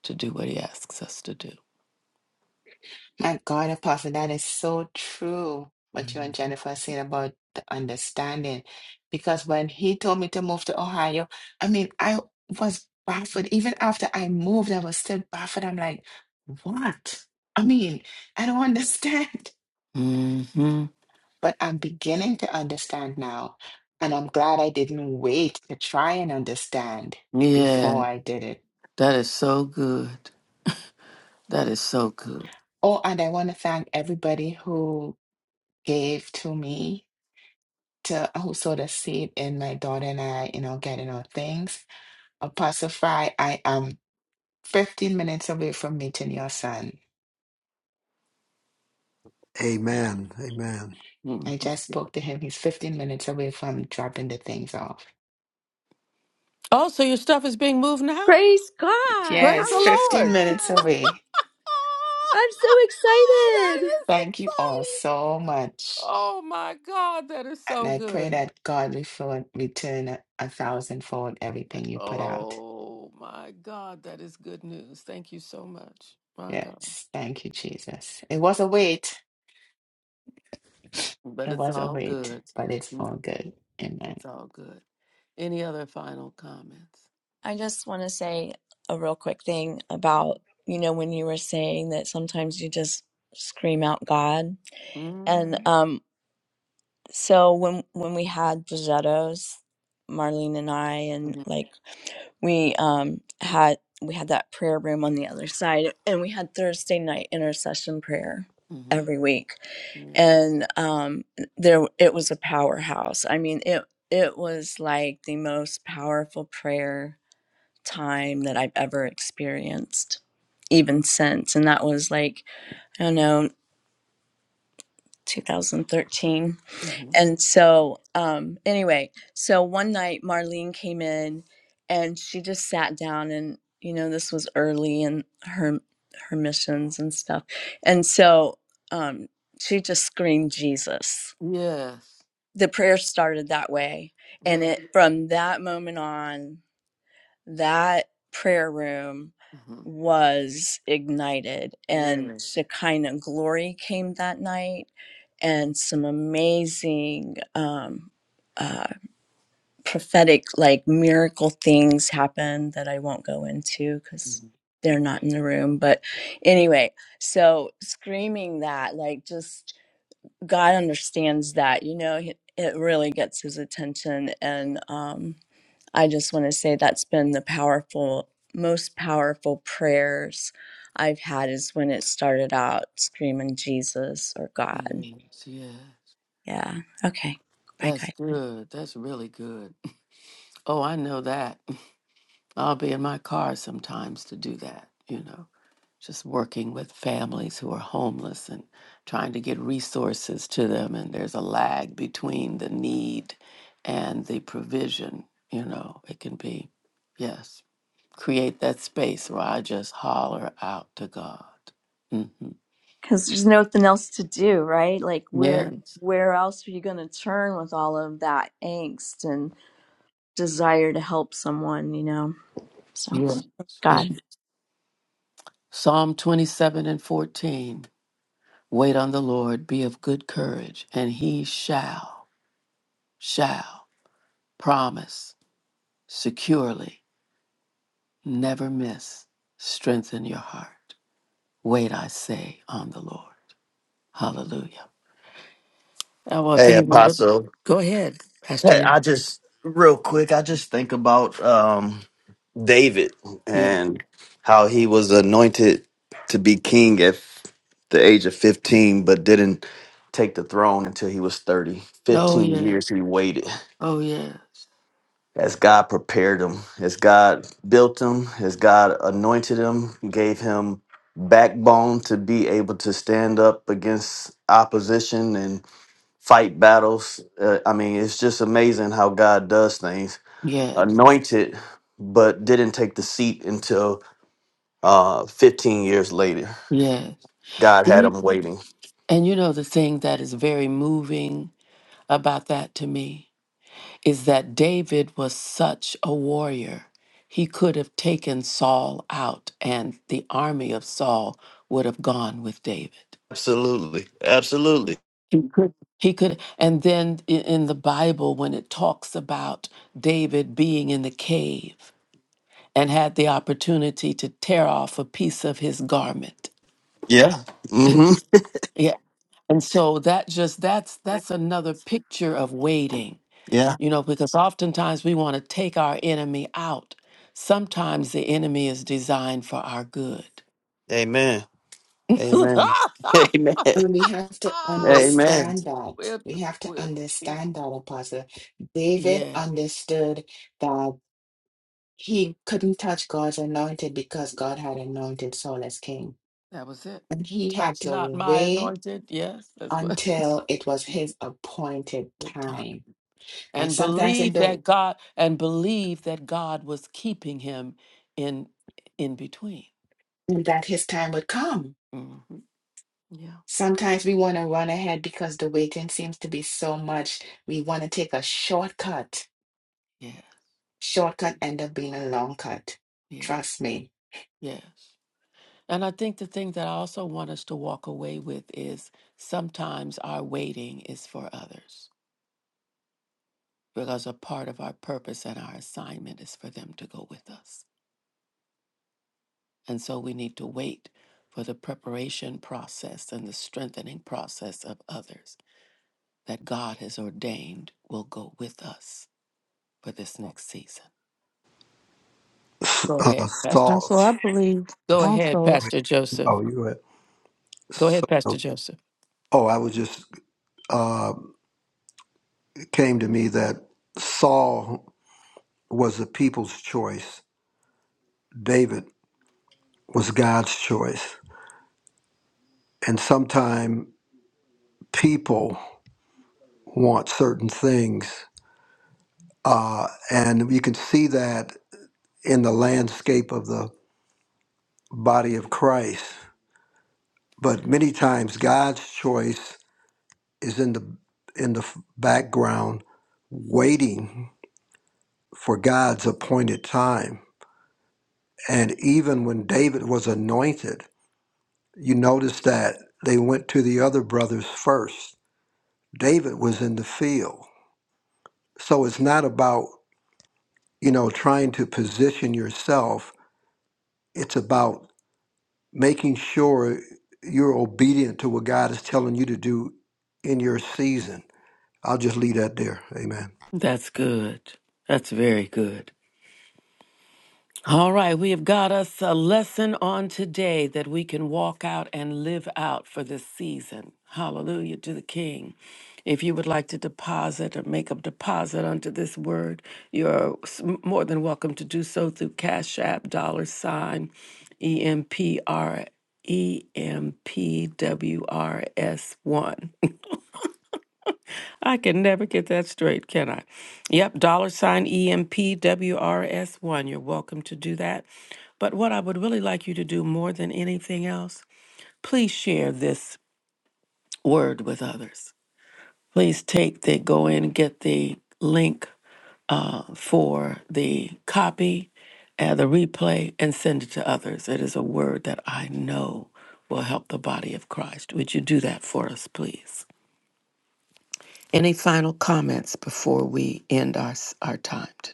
Speaker 1: to do what He asks us to do.
Speaker 5: My God, Apostle, that is so true. What you and Jennifer said about the understanding. Because when he told me to move to Ohio, I mean, I was baffled. Even after I moved, I was still baffled. I'm like, what? I mean, I don't understand.
Speaker 1: hmm
Speaker 5: But I'm beginning to understand now. And I'm glad I didn't wait to try and understand
Speaker 1: Yeah,
Speaker 5: before I did it.
Speaker 1: that is so good. That is so good.
Speaker 5: Oh, and I want to thank everybody who gave to me to also the seed in my daughter and I, you know, getting our things. Apostle Fry, I am 15 minutes away from meeting your son.
Speaker 4: Amen. Amen.
Speaker 5: I just spoke to him. He's 15 minutes away from dropping the things off.
Speaker 8: Praise God.
Speaker 5: Yes, 15 minutes
Speaker 8: Hallelujah.
Speaker 5: away.
Speaker 8: I'm so excited.
Speaker 5: Thank you all so much.
Speaker 1: Oh my God, that is
Speaker 5: And
Speaker 1: so
Speaker 5: I pray
Speaker 1: good.
Speaker 5: that God will fill- return a, a thousandfold everything you put out.
Speaker 1: Oh my God, that is good news. Thank you so much. My God.
Speaker 5: Yes, thank you, Jesus. It was a wait.
Speaker 1: But
Speaker 5: It
Speaker 1: it's
Speaker 5: was a
Speaker 1: all
Speaker 5: wait,
Speaker 1: good.
Speaker 5: but it's
Speaker 1: Mm,
Speaker 5: all good. Amen.
Speaker 1: It's all good. Any other final comments?
Speaker 8: I just want to say a real quick thing about, you know, when you were saying that sometimes you just scream out God. And
Speaker 1: Mm-hmm.
Speaker 8: um so when when we had Bridgettos, Marlene and I and like we um had we had that prayer room on the other side and we had Thursday night intercession prayer
Speaker 1: Mhm.
Speaker 8: every week.
Speaker 1: Yeah.
Speaker 8: And um there it was a powerhouse. I mean, it it was like the most powerful prayer time that I've ever experienced, even since. And that was like, I don't know, 2013.
Speaker 1: Mhm.
Speaker 8: And so, um, anyway, so one night Marlene came in and she just sat down and, you know, this was early in her her missions and stuff. And so um she just screamed Jesus.
Speaker 1: Yes.
Speaker 8: The prayer started that way. And
Speaker 1: Yeah.
Speaker 8: it from that moment on that prayer room
Speaker 1: Mhm.
Speaker 8: was ignited and
Speaker 1: Yes.
Speaker 8: Shekinah glory came that night and some amazing um, uh, prophetic like miracle things happened that I won't go into because
Speaker 1: Mhm.
Speaker 8: they're
Speaker 1: Mhm.
Speaker 8: not in the room but anyway so screaming that like just God understands that you know it it really gets his attention and um I just want to say that's been the powerful, most powerful prayers I've had is when it started out screaming Jesus or God.
Speaker 1: Yes. Yes.
Speaker 8: Yeah. Okay. Bye,
Speaker 1: That's
Speaker 8: guys.
Speaker 1: good. That's really good. Oh, I know that. I'll be in my car sometimes to do that, you know, just working with families who are homeless and trying to get resources to them. And there's a lag between the need and the provision, you know, it can be, yes, create that space where I just holler out to God. hmm
Speaker 8: Because there's nothing else to do, right? Like, where
Speaker 1: Yes.
Speaker 8: where else are you going to turn with all of that angst and desire to help someone? You know. So
Speaker 1: Yeah.
Speaker 8: God.
Speaker 1: Yeah. Psalm 27 and 14. Wait on the Lord, be of good courage, and he shall, shall. promise securely, never miss. Strengthen your heart. Wait, I say, on the Lord. Hallelujah. Oh, well, if
Speaker 7: Hey,
Speaker 1: anyone would
Speaker 7: Apostle.
Speaker 1: go ahead, Pastor.
Speaker 7: Hey, I
Speaker 1: Nim-
Speaker 7: just real quick, I just think about um David
Speaker 1: Yeah.
Speaker 7: and how he was anointed to be king at the age of 15 but didn't take the throne until he was 30.
Speaker 1: Oh,
Speaker 7: 15
Speaker 1: yeah.
Speaker 7: years he waited
Speaker 1: Oh, yes.
Speaker 7: as God prepared him, as God built him, as God anointed him, gave him backbone to be able to stand up against opposition and fight battles. Uh, I mean, it's just amazing how God does things
Speaker 1: Yes.
Speaker 7: anointed, but didn't take the seat until uh, 15 years later.
Speaker 1: Yes.
Speaker 7: God
Speaker 1: And
Speaker 7: had
Speaker 1: you,
Speaker 7: him waiting.
Speaker 1: and you know, the thing that is very moving about that to me is that David was such a warrior. He could have taken Saul out, and the army of Saul would have gone with David.
Speaker 7: Absolutely. Absolutely.
Speaker 1: He could. He could. And then i- in the Bible, when it talks about David being in the cave and had the opportunity to tear off a piece of his garment.
Speaker 7: Yeah. hmm
Speaker 1: Yeah. And so that just that's that's another picture of waiting.
Speaker 7: Yeah.
Speaker 1: You know, because oftentimes we want to take our enemy out. Sometimes the enemy is designed for our good.
Speaker 7: Amen. Amen. Amen.
Speaker 5: And we have to
Speaker 7: Amen.
Speaker 5: understand that.
Speaker 1: We're-
Speaker 5: We have to
Speaker 1: we're-
Speaker 5: understand that, Apostle. David
Speaker 1: Yes.
Speaker 5: understood that he couldn't touch God's anointed because God had anointed Saul as king.
Speaker 1: That was it.
Speaker 5: And he had
Speaker 1: Touch
Speaker 5: to
Speaker 1: not my
Speaker 5: wait
Speaker 1: anointed. Yes, that's what.
Speaker 5: until it was his appointed
Speaker 1: Good time.
Speaker 5: time. And
Speaker 1: And
Speaker 5: sometimes in
Speaker 1: believe
Speaker 5: the
Speaker 1: that God and believe that God was keeping him in in between.
Speaker 5: in that his time would come.
Speaker 1: hmm Yeah.
Speaker 5: Sometimes we want to run ahead because the waiting seems to be so much. We want to take a shortcut.
Speaker 1: Yeah.
Speaker 5: Shortcut end up being a long cut.
Speaker 1: Yeah.
Speaker 5: Trust me.
Speaker 1: Yes. And I think the thing that I also want us to walk away with is sometimes our waiting is for others because a part of our purpose and our assignment is for them to go with us. And so we need to wait for the preparation process and the strengthening process of others that God has ordained will go with us for this next season. Go
Speaker 4: Uh,
Speaker 1: ahead, Pastor.
Speaker 4: Saul.
Speaker 3: Apostle, I believe
Speaker 1: Go ahead,
Speaker 3: also.
Speaker 1: Pastor
Speaker 4: Oh,
Speaker 1: Joseph.
Speaker 4: you go ahead.
Speaker 1: Go
Speaker 4: So,
Speaker 1: ahead, Pastor Joseph.
Speaker 4: oh, I was just uh, it came to me that Saul was the people's choice. David was God's choice, and sometimes people want certain things Uh, and you can see that in the landscape of the body of Christ. But many times God's choice is in the in the background, waiting for God's appointed time. And even when David was anointed, you notice that they went to the other brothers first. David was in the field. So it's not about, you know, trying to position yourself. It's about making sure you're obedient to what God is telling you to do in your season. I'll just leave that there. Amen.
Speaker 1: That's good. That's very good. All right, we have got us a lesson on today that we can walk out and live out for this season. Hallelujah to the King. If you would like to deposit or make a deposit unto this word, you're s- more than welcome to do so through Cash App, dollar sign, E M P R E M P W R S 1. I can never get that straight, can I? Yep, dollar sign E M P W R S 1. You're welcome to do that. But what I would really like you to do more than anything else, please share this word with others. Please take the go in and get the link for the copy and the replay and send it to others. It is a word that I know will help the body of Christ. Would you do that for us, please? Any final comments before we end our, our time today?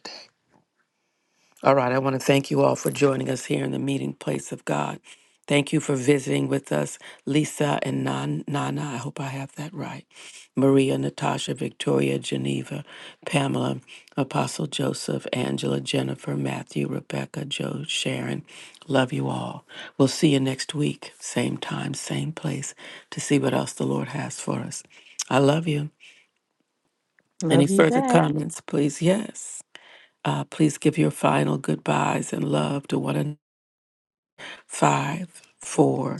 Speaker 1: All right, I want to thank you all for joining us here in the meeting place of God. Thank you for visiting with us, Lisa and Nan- Nana. I hope I have that right. Maria, Natasha, Victoria, Geneva, Pamela, Apostle Joseph, Angela, Jennifer, Matthew, Rebecca, Joe, Sharon. Love you all. We'll see you next week, same time, same place, to see what else the Lord has for us. I love you. Any
Speaker 3: Love you
Speaker 1: further
Speaker 3: back.
Speaker 1: comments, please? Yes. Uh, please give your final goodbyes and love to one another. five, four,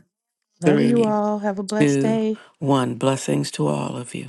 Speaker 3: Love you
Speaker 1: three,
Speaker 3: all. Have a blessed
Speaker 1: two,
Speaker 3: day.
Speaker 1: one. Blessings to all of you.